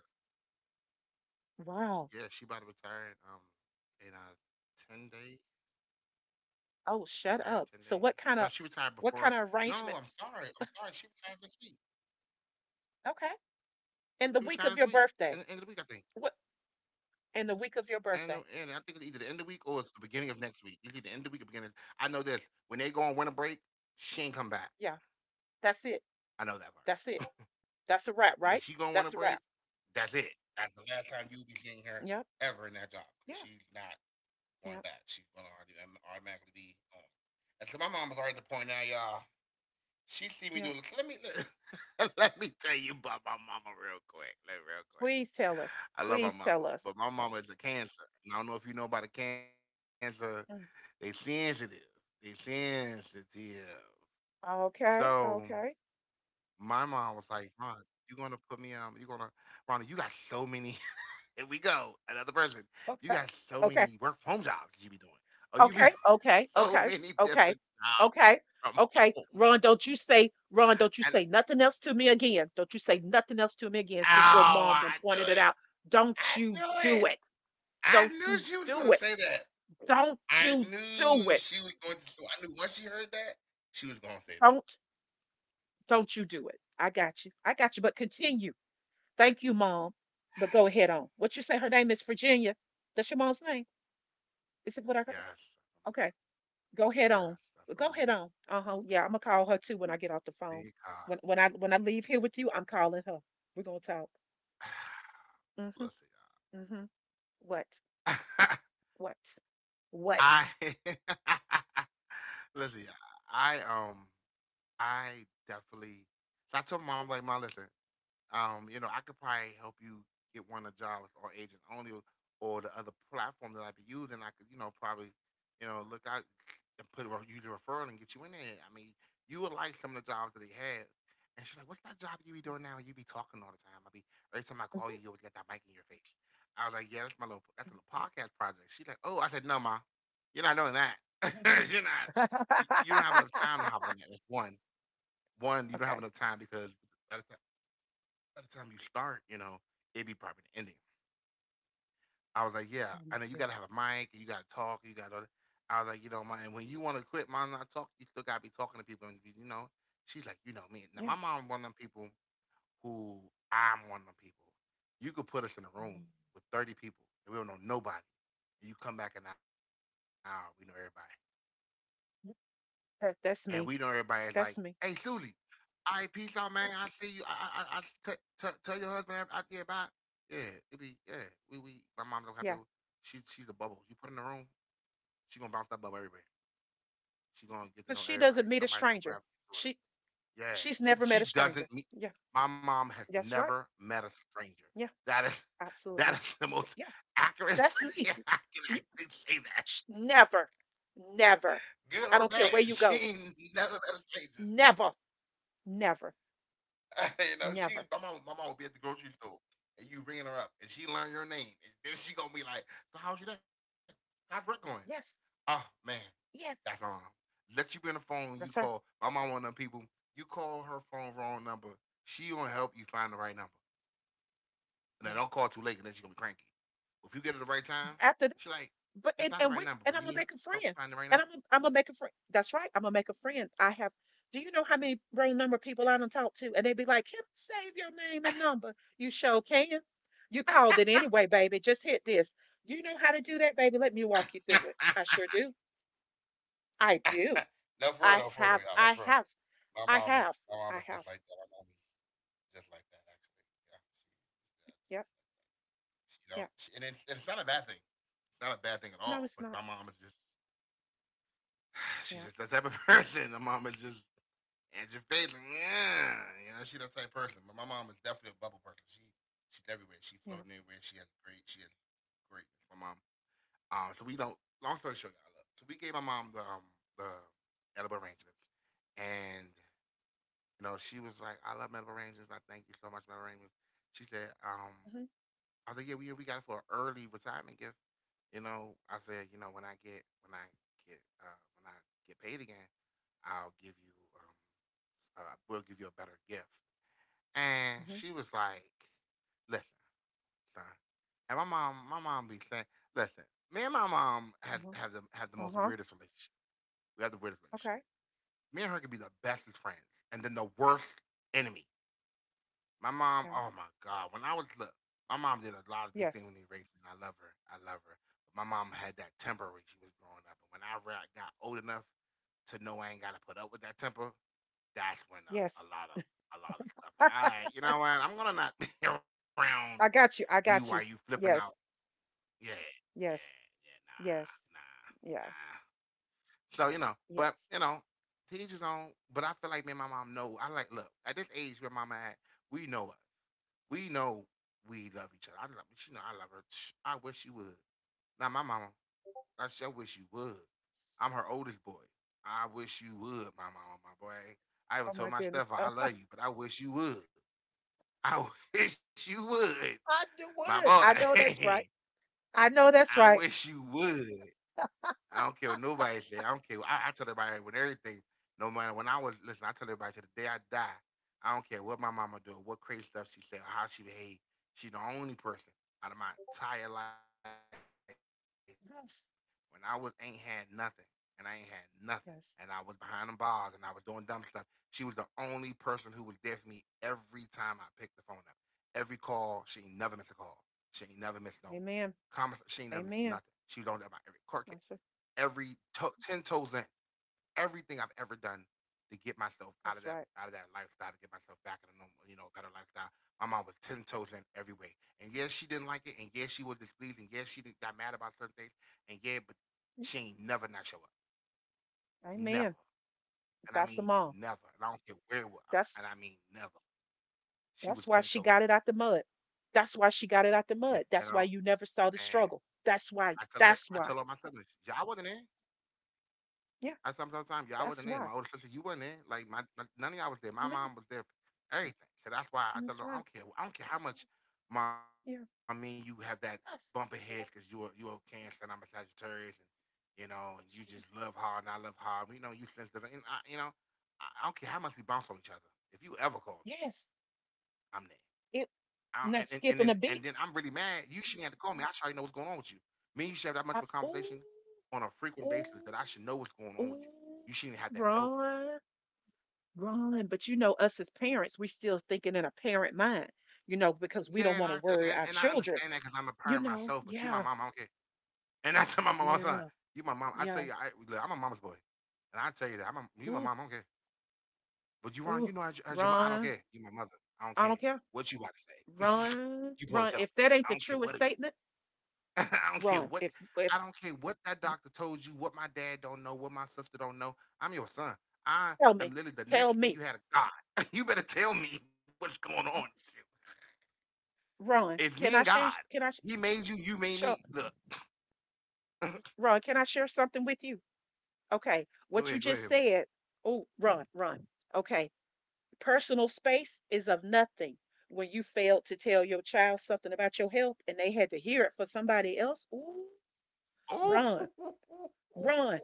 A: Yeah, she about to retire
B: Wow.
A: in 10 days. She retired in 10 days. No, she
B: Oh,
A: retired
B: shut
A: before.
B: up.
A: No, I'm sorry. I'm
B: What
A: sorry.
B: kind
A: She
B: of
A: retired
B: arrangement?
A: this week. She
B: Okay.
A: retired this week. In the end of the
B: In the
A: week, I
B: week
A: think.
B: of your birthday. What?
A: And
B: In the
A: I
B: week
A: think it's
B: of your
A: either the end of the
B: birthday?
A: week or it's the beginning of next week. Usually the end of the week or beginning. I know this. When they go on winter break, she ain't come back.
B: Yeah,
A: I know
B: that's
A: that
B: it.
A: part.
B: That's it.
A: When she go
B: That's a
A: on winter
B: wrap,
A: break,
B: right? That's a
A: that's
B: wrap.
A: it. That's the last time you'll be seeing her ever in that
B: Yep.
A: job because she's not
B: Yeah.
A: going back. She's
B: Yep.
A: gonna already automatically be on. And so my mom was already at the point now, y'all. She see me do. Let me
B: Yep.
A: let, me tell you about my mama real quick. Like, real quick.
B: Please tell us.
A: I love my
B: Please
A: mama,
B: tell
A: but
B: us.
A: my mama is a cancer. And I don't know if you know about a cancer. They
B: Mm.
A: sensitive. They sensitive. So
B: Okay. Okay.
A: my mom was like, Ron, you gonna put me you gonna Ronnie, you got so many here we go, another person. You got
B: Okay. Okay.
A: so many work
B: Okay.
A: from home jobs you be doing. Oh, you be doing
B: Okay. Okay.
A: so many
B: Okay.
A: different
B: Okay.
A: jobs from
B: Okay.
A: home.
B: Ron, don't you
A: And
B: say nothing else to me again. Don't you say nothing else to me again since your
A: oh
B: mom
A: I
B: done
A: do
B: pointed it
A: it.
B: out.
A: I
B: Don't
A: do
B: you
A: it.
B: do it.
A: I
B: Don't
A: knew
B: you
A: she was gonna
B: do it.
A: say that.
B: Don't you do it.
A: I knew once she heard that, she was gonna say that.
B: Don't don't you do it. I got you. I got you. But continue. Thank you, mom. But go ahead on. What you say? Her name is Virginia. That's your mom's name. Is it what I heard?
A: Yes,
B: Okay. Go ahead on.
A: yes, that's what
B: Go
A: my
B: ahead
A: mama.
B: on. Uh huh. Yeah, I'm gonna call her too when I get off the phone.
A: G car.
B: When I leave here with you, I'm calling her. We're gonna talk. Mhm.
A: Listen,
B: Mhm. What?
A: y'all.
B: What?
A: I
B: What?
A: listen, y'all. I um, I definitely. So I told my mom, I'm like, mom, listen, you know, I could probably help you get one of jobs or agent only or the other platform that I be using. I could, you know, probably, you know, look out and you the referral and get you in there. I mean, you would like some of the jobs that they have. And she's like, "What's that job you be doing now? You be talking all the time. I be every time I call you,
B: Mhm.
A: you always got that mic in your face." I was like, "Yeah, that's a little podcast project." She's like, "Oh." I said, "No, ma, you're not doing that. You're not. You don't have enough time to hop on that. That's one. One, you don't have
B: okay.
A: enough time because by the time you start, you know, it'd be probably the ending. I was like, yeah,
B: Oh my
A: I know you gotta
B: goodness.
A: have a mic and you gotta talk, you gotta. I was like, you know, my and when you want to quit, mom, not talk, you still gotta be talking to people, and you know, she's like, you know me. Now
B: Yeah.
A: my mom, one of them people who I'm one of them people. You could put us in a
B: Um,
A: room with 30 people and we don't know nobody, and you come back in an hour, we know everybody,
B: that, that's
A: and
B: me.
A: we know everybody is like,
B: That's me.
A: hey, Susie, all right, peace out, man. I see you. Tell your husband I yeah, bye. Yeah, it be yeah. We my
B: Yeah,
A: mom's so happy. She she's the bubble. You put in the room, she gonna bounce that bubble everywhere.
B: because
A: She
B: she
A: gonna
B: doesn't
A: get to
B: meet
A: know
B: a
A: everybody.
B: stranger.
A: Somebody's gonna
B: She
A: gravitate to her.
B: she's never met a
A: Yeah, she
B: stranger.
A: she
B: Yeah,
A: doesn't meet. My
B: that's
A: mom
B: right.
A: has never met a
B: Yeah,
A: stranger. That is
B: absolutely.
A: that is
B: Yeah,
A: the most
B: that's
A: accurate
B: me.
A: way
B: Yeah,
A: I can actually say that.
B: Never, never. I don't care
A: Good
B: where
A: or
B: you
A: bad,
B: go.
A: she ain't never met a stranger.
B: Never, never, never.
A: She my mom would be at the grocery store and you ringing her up and she learn your name and then she gonna be like, "So how's your day? How's work going?
B: Yes,
A: Oh man, that's
B: yes.
A: wrong." Let you be on the phone. You
B: That's
A: call
B: her.
A: my mom one of them people. You call her phone wrong number. She gonna help you find the right number. And then
B: Yeah.
A: don't call too late and then she gonna be cranky. If you get her the right time,
B: After,
A: she like,
B: but
A: "It's not the
B: and
A: right
B: we
A: number,
B: and
A: but
B: I'm
A: do you
B: gonna
A: need
B: make a
A: help finding the
B: friend.
A: right number."
B: I'm gonna make a friend. That's right. I'm gonna make a friend. I have. Do you know how many wrong number people
A: Yeah.
B: I done talked to? And they be like, "Can I save your name and number?" You sure can. You called it anyway, baby. Just hit this. You know how to do that, baby. Let me walk you through it. I sure do. I do.
A: No,
B: I
A: for real, though,
B: have.
A: y'all. Like
B: I
A: for real,
B: have.
A: my
B: I
A: mom is
B: have.
A: my mom is
B: I
A: just
B: have.
A: like that. My mom is just like that. Actually, yeah, she, yeah, just like that.
B: Yep.
A: She don't,
B: Yep.
A: she, and it's not a bad thing. It's not a bad thing at
B: No,
A: all.
B: it's
A: But
B: not.
A: my mom is just, she's
B: Yep.
A: just that type of person. My mom is just and your face, like, yeah, you know, she's that type of person. But my mom is definitely a bubble person. She's everywhere. She
B: Yep.
A: floating everywhere. She has great. She has greatness. My mom. So we don't. Long story short, I love. So we gave my mom the the edible arrangements, and you know she was like, "I love edible arrangements. I thank you so much, for edible arrangements." She said,
B: Mhm.
A: I was like, yeah, we got it for an early retirement gift. You know, I said, you know, when I get when I get when I get paid again, I'll give you we'll give you a better gift. And
B: Mhm.
A: she was like, listen, son. And my mom be saying, listen, me and my mom have
B: Mhm.
A: have the have the
B: Uh
A: most
B: huh.
A: weirdest relationship. We have the weirdest relationship.
B: Okay.
A: Me and her could be the bestest friends, and then the worst enemy. My mom,
B: Yeah.
A: oh my God. When I was look, My mom did a lot of good things
B: Yes.
A: when they raised me, and I love her. I love her. But my mom had that temper when she was growing up. And when I got old enough to know I ain't gotta put up with that temper, that's when a
B: Yes.
A: lot of a lot of stuff. Like,
B: I,
A: all right, you know what? I'm gonna not be around
B: I got
A: you
B: you. I
A: while you
B: got you.
A: flipping out.
B: Yes.
A: Yeah, yeah,
B: Yes.
A: yeah, nah,
B: Yes.
A: nah,
B: Yeah.
A: nah. So you know, but
B: Yes.
A: you know, to each his own. But I feel like me and my mom know. I like look at this age where mama at, we know us. We know we love each other. I love she know I love her. I wish you would. Now my mama, I sure wish you would. I'm her oldest boy. I wish you would, my mama, my boy. I
B: Oh
A: even
B: my
A: told my
B: goodness.
A: stepfather I love you, but I wish you would. I wish you would,
B: I do
A: my
B: what? I know that's
A: boy.
B: right. I know that's
A: I
B: right.
A: wish you would. I don't care what nobody say. I don't care. I tell everybody with everything, no matter when I was listen. I tell everybody to the day I die. I don't care what my mama do, what crazy stuff she say, how she behave. She the only person out of my entire life when I was ain't had nothing
B: Yes.
A: and I ain't had nothing and I was behind them bars and I was
B: Yes.
A: doing dumb stuff. She was the only person who was there for me every time I picked the phone up. Every call, she ain't never missed a call. She ain't never missed no comments. She ain't never
B: Amen.
A: missed nothing. She was on there about
B: Amen.
A: every court case
B: That's it.
A: ten toes in everything I've ever done to get myself out of that out of
B: That's
A: that
B: right.
A: lifestyle to get myself back in a normal, better lifestyle. My mom was ten toes in every way, and yes, she didn't like it, and yes, she was displeased, and yes, she didn't, got mad about certain things, and yeah, but she ain't never not show up, never,
B: Amen.
A: and I
B: That's the
A: mean
B: mom.
A: never, and I don't care where it was,
B: That's
A: and I mean never. She
B: that's
A: was
B: why
A: ten
B: she
A: toes
B: got it
A: in
B: out the mud. That's why she got it out
A: there,
B: the mud. That's why you never
A: and
B: saw the struggle.
A: I
B: That's
A: tell her,
B: why.
A: I tell all
B: That's
A: my
B: why.
A: siblings, y'all wasn't there, I
B: Yeah.
A: sometimes time y'all wasn't there.
B: That's
A: My older
B: why.
A: sister, you wasn't there. Like none of y'all was there. My
B: Amen.
A: mom was there. For everything. So that's why I
B: That's
A: tell her
B: right.
A: I don't care. I don't care how much mom me and you
B: Yeah.
A: have that bump ahead because
B: Yes.
A: you're a cancer and I'm a Sagittarius and you know and you just love hard and I
B: Yes.
A: love hard. You know you sensitive and I, you know I don't care how much we bounce off each other. If you ever call me,
B: Yes.
A: I'm there.
B: It
A: I, don't, and, and and
B: not
A: then and
B: skipping
A: then
B: a
A: I'm
B: beat.
A: really mad. You shouldn't have to call me. I should already know what's going on with you. Me and you should have that much of a conversation
B: Absolutely.
A: on a frequent basis that I should know what's going on with you. You
B: Ooh,
A: shouldn't even have to have told me.
B: run, run. But you know, us as parents, we still thinking in a parent mind, you know, because
A: Yeah,
B: we
A: and
B: don't
A: I
B: want to
A: and, and,
B: worry
A: and
B: our
A: I understand
B: children,
A: that because I'm a parent
B: you
A: myself,
B: know.
A: but you my
B: Yeah,
A: mom, I don't care. And I tell my mom all the time,
B: yeah,
A: you my mom. I tell
B: yeah.
A: you, I, look, I'm a mama's boy, and I tell you that you my
B: Ooh,
A: mom, I don't care. But you wrong,
B: ooh,
A: as your mom, I don't
B: run.
A: care. You my mother, I don't
B: I
A: care
B: don't care.
A: what you about to say.
B: Run,
A: You supposed
B: run.
A: to tell
B: If
A: me.
B: that ain't
A: I
B: the
A: don't care
B: truest
A: what it is.
B: statement,
A: I don't care
B: run.
A: what I
B: If
A: don't care what that doctor told you, what my dad don't know, what my sister don't know. I'm your son. I
B: tell
A: am
B: me,
A: literally the
B: tell
A: next thing
B: me.
A: you had is God. You better tell me what's going on with you.
B: Yes,
A: It's
B: Run.
A: me and
B: Can I
A: God.
B: share?
A: He made you, you made me.
B: Show?
A: Look,
B: Run. Can I share something with you? Okay.
A: go
B: What
A: ahead,
B: you
A: go ahead.
B: just said. Oh, run, run. Okay. Personal space is of nothing. When you failed to tell your child something about your health and they had to hear it for somebody else, ooh,
A: Oh, mm-hmm,
B: run, run,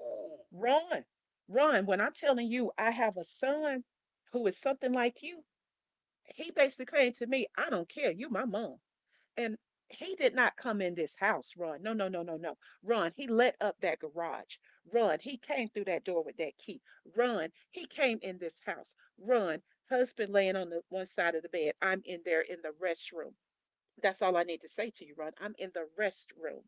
B: run, run. When I'm telling you, I have a son who is something like you. He basically came to me, I don't care, you my mom. And he did not come in this house, Run. No, no, no, no, no. Run. He let up that garage. Run. He came through that door with that key. Run. He came in this house. Run. Husband laying on the one side of the bed. I'm in there in the restroom. That's all I need to say to you, Ron. I'm in the restroom.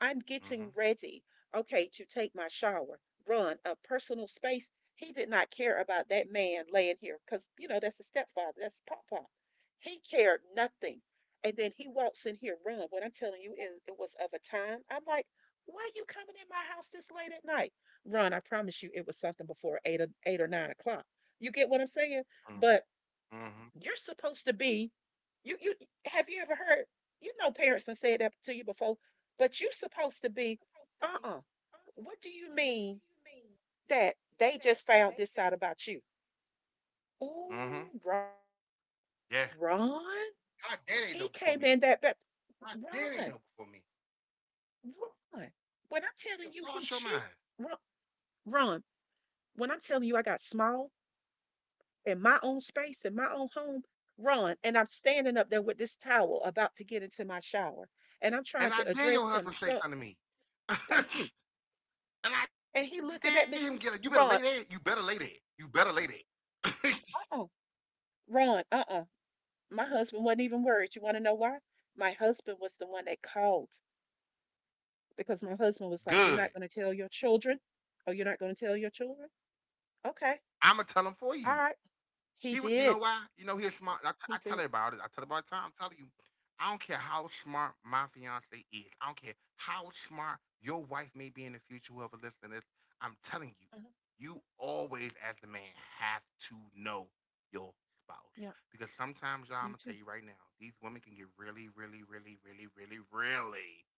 B: I'm getting ready, okay, to take my shower. Run a personal space. He did not care about that man laying here because, you know, that's his stepfather. That's Pop Pop. He cared nothing. And then he walks in here, run. What I'm telling you, it was of a time. I'm like, why are you coming in my house this late at night? Ron, I promise you it was something before 8 or 9 o'clock. You get what I'm saying?
A: mm-hmm,
B: But
A: mm-hmm.
B: you're supposed to be. You have you ever heard? You know, parents have said that to you before, but you're supposed to be. Uh-uh. What do you mean that they just found this out about you?
A: Mm-hmm.
B: Ooh, Ron.
A: Yeah.
B: Ron?
A: God, that ain't
B: He
A: no for
B: came
A: me.
B: in that back.
A: God, that ain't
B: Ron,
A: no for me.
B: Ron. When I'm
A: You
B: telling you he
A: lost your
B: cheated.
A: mind.
B: Ron, Ron, when I'm telling you I got small in my own space, in my own home, run. And I'm standing up there with this towel about to get into my shower. And I'm trying
A: And I
B: to
A: dare
B: address
A: your
B: him.
A: husband say
B: So
A: something to me.
B: thank you.
A: And I did him
B: And
A: get
B: he
A: it. You better
B: looking
A: lay
B: at me,
A: there. You better lay there.
B: Ron,
A: You better lay there.
B: uh-uh, Ron, uh-uh. My husband wasn't even worried. You want to know why? My husband was the one that called because my husband was
A: Good.
B: like, "You're not going to tell your children?" Oh, you're not going to tell your children? Okay.
A: I'ma tell him for
B: All
A: you.
B: right. He
A: He would. You know
B: did.
A: why? You know he's smart. I, t-
B: He
A: I tell
B: did.
A: everybody. I tell everybody all the time. I'm telling you. I don't care how smart my fiance is. I don't care how smart your wife may be in the future. Whoever listening to this, I'm telling you,
B: Mhm.
A: you always as the man have to know your
B: Yeah.
A: spouse because sometimes y'all.
B: You
A: I'm
B: too.
A: gonna tell you right now. These women can get really, really, really, really, really, really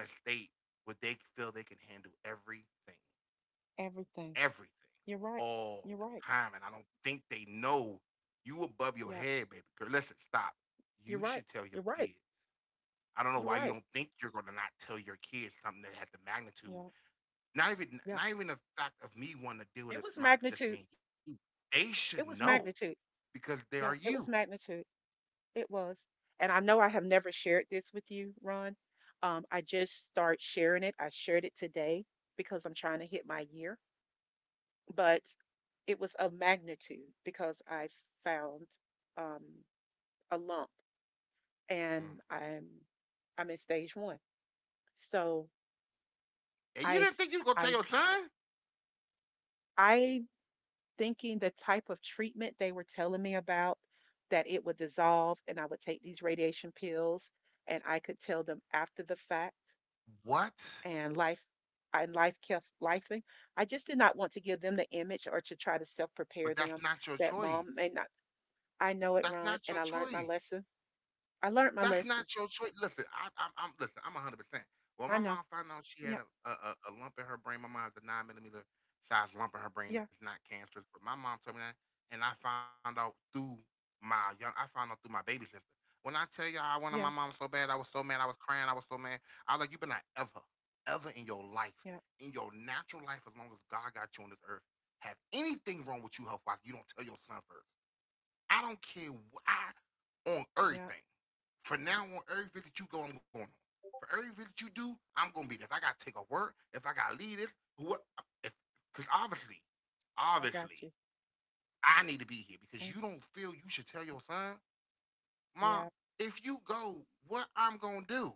A: in a state where they feel they can handle everything,
B: Everything.
A: everything,
B: You're right. You're
A: all the
B: right.
A: time. And I don't think they know you above
B: Yeah.
A: your head, baby girl. Listen, stop.
B: You're right.
A: You should
B: You're
A: tell
B: right.
A: your kids.
B: You're
A: I don't know
B: right.
A: why you don't think you're gonna not tell your kids something that has the
B: Yeah.
A: magnitude. Not
B: Yeah.
A: even not even the fact of me wanting to
B: It
A: deal
B: was
A: with it, my
B: magnitude.
A: just me and you. They should
B: It was
A: know
B: magnitude.
A: because they are
B: Yeah, it
A: you.
B: was magnitude. It was. And I know I have never shared this with you, Ron. I just start sharing it. I shared it today because I'm trying to hit my year, but it was of magnitude because I found um, a lump, and
A: Mm.
B: I'm in stage one. So
A: And you
B: I
A: didn't think you were gonna tell
B: I
A: your son?
B: I thinking the type of treatment they were telling me about, that it would dissolve and I would take these radiation pills and I could tell them after the fact,
A: What?
B: and life and life kept lifing. I just did not want to give them the image or to try to self prepare them
A: But that's
B: that
A: not your
B: mom may
A: choice.
B: not. I know it, Ron,
A: That's
B: and I
A: not
B: learned
A: your
B: my
A: choice.
B: lesson. I learned my lesson.
A: That's not your choice. Listen, I, I'm listen. I'm 100%
B: I know.
A: Well, my mom found
B: Yeah,
A: out she had a lump in her brain. My mom has a 9 mm size lump in
B: yeah,
A: her brain that's not cancerous. But my mom told me that, and I found out through my young. I found out through my baby sister. When I tell y'all, I wanted
B: yeah,
A: my mom so bad. I was so mad. I was crying. I was so mad. I was like, you better not ever, ever in your life,
B: yeah,
A: in your natural life, as long as God got you on this earth, have anything wrong with you health wise. You don't tell your son first. I don't care why on
B: yeah.
A: everything. For now on every visit that you go, I'm going on. For every visit that you do, I'm gonna be there. If I gotta take a work, if I gotta lead it, what if cause obviously,
B: I got
A: obviously,
B: you.
A: I need to be here because
B: Mm,
A: you don't feel you should tell your son, Mom,
B: yeah.
A: if you go, what I'm gonna do?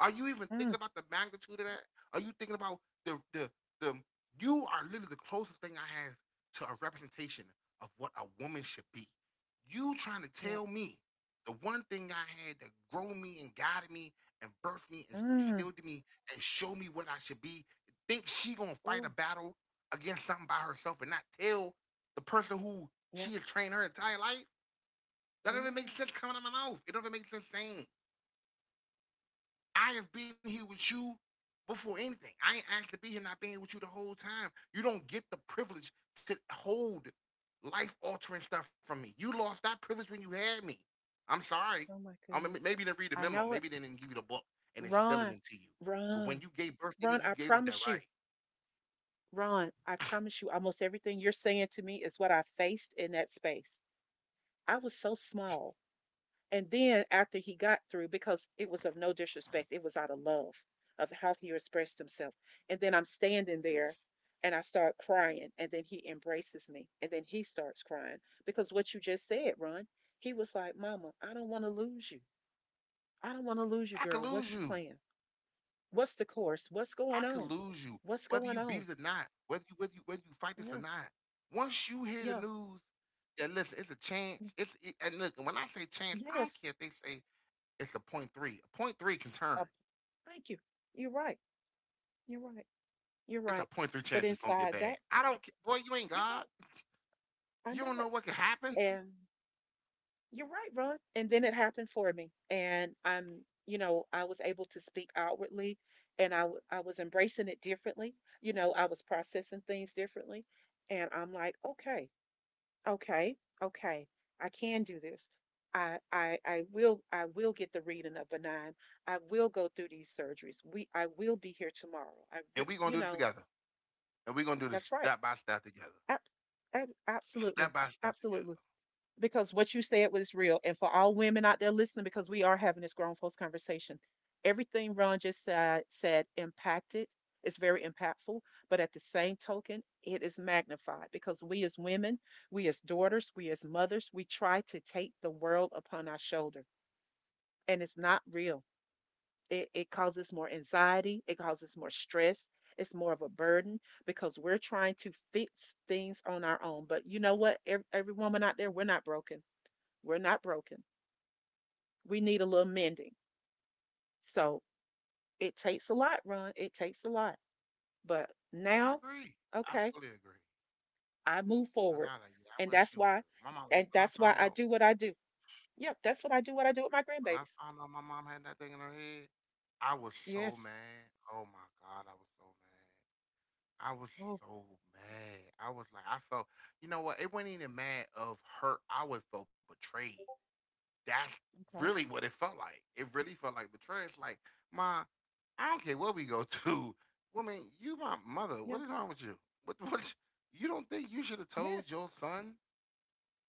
A: Are you even thinking
B: Mm,
A: about the magnitude of that? Are you thinking about the the the you are literally the closest thing I have to a representation of what a woman should be. You trying to tell
B: yeah.
A: me the one thing I had that grew me and guided me and birthed me and
B: Mm.
A: instilled in me and showed me what I should be. Think she gonna fight a
B: Oh,
A: battle against something by herself and not tell the person who
B: yeah.
A: she has trained her entire life? That doesn't make sense
B: Yes.
A: coming out of my mouth. It doesn't make sense saying I have been here with you before anything. I ain't asked to be here, not being here with you the whole time. You don't get the privilege to hold life altering stuff from me. You lost that privilege when you had me. I'm sorry. I
B: Oh
A: mean,
B: my
A: maybe they didn't
B: goodness.
A: read the memo.
B: I
A: Maybe they
B: know
A: didn't
B: it.
A: give you the book and instilling are it to
B: Run,
A: you. But when you
B: run,
A: gave birth to me, you
B: run. I
A: gave up that right.
B: promise you, run. I promise you, almost everything you're saying to me is what I faced in that space. I was so small. And then after he got through, because it was of no disrespect, it was out of love of how he expressed himself. And then I'm standing there and I start crying. And then he embraces me. And then he starts crying because what you just said, Ron, he was like, "Mama, I don't want to lose you. I don't want to lose
A: I
B: you,
A: could
B: girl.
A: lose
B: What's the
A: you.
B: plan?" What's the course? What's
A: I
B: going
A: could
B: on?
A: lose you,
B: What's
A: whether you
B: going
A: beat
B: on?
A: it or not, whether you whether you fight this or
B: Yeah,
A: not. Once you hear the
B: yeah,
A: news, yeah, listen, it's a chance.
B: y-
A: And look, when I say chance, I don't
B: yes.
A: care if they say it's a point three. A point three can turn.
B: Uh, Thank you. You're right. You're right. You're
A: It's a
B: right.
A: point three
B: But
A: chance it's gonna get
B: inside that,
A: bad. I don't care. Boy, you ain't
B: you're
A: God.
B: right. I
A: You
B: know
A: don't
B: it.
A: know what can happen.
B: And you're right, Ron. And then it happened for me. And I was able to speak outwardly, and I was embracing it differently. You know, I was processing things differently. And I'm like, okay. Okay, okay. I can do this. I will, I will get the reading of benign. I will go through these surgeries. We I will be here tomorrow.
A: And we gonna
B: You
A: do this
B: know
A: together. And we gonna do this
B: that's right.
A: step by step together.
B: Ab- Absolutely,
A: Step by step
B: absolutely,
A: together.
B: because what you said was real. And for all women out there listening, because we are having this grown folks conversation, everything Ron just said, said impacted. It's very impactful, but at the same token, it is magnified because we as women, we as daughters, we as mothers, we try to take the world upon our shoulder, and it's not real. It causes more anxiety, it causes more stress, it's more of a burden because we're trying to fix things on our own. But you know what? Every woman out there, we're not broken. We're not broken. We need a little mending. So it takes a lot, Ron. It takes a lot. But
A: Yeah, I
B: now,
A: agree. I fully
B: okay,
A: agree.
B: I move forward.
A: I
B: And
A: wish you
B: that's
A: would.
B: why
A: My mom when
B: and
A: I
B: that's
A: found
B: why
A: out
B: I do what I do. Yep, that's what I do with my
A: when I
B: grandbabies.
A: found out my mom had that thing in her head, I was so
B: Yes.
A: mad. Oh my god, I was so mad. I was
B: Oh,
A: so mad. I was like, I felt, you know what? It wasn't even mad of hurt. I was felt betrayed. That's really
B: okay.
A: what it felt like. It really felt like betrayal. It's like, ma, I don't care what we go through. Woman, you my
B: Yeah.
A: mother. What is wrong with you? What? What? You don't think you should have told
B: Yes.
A: your son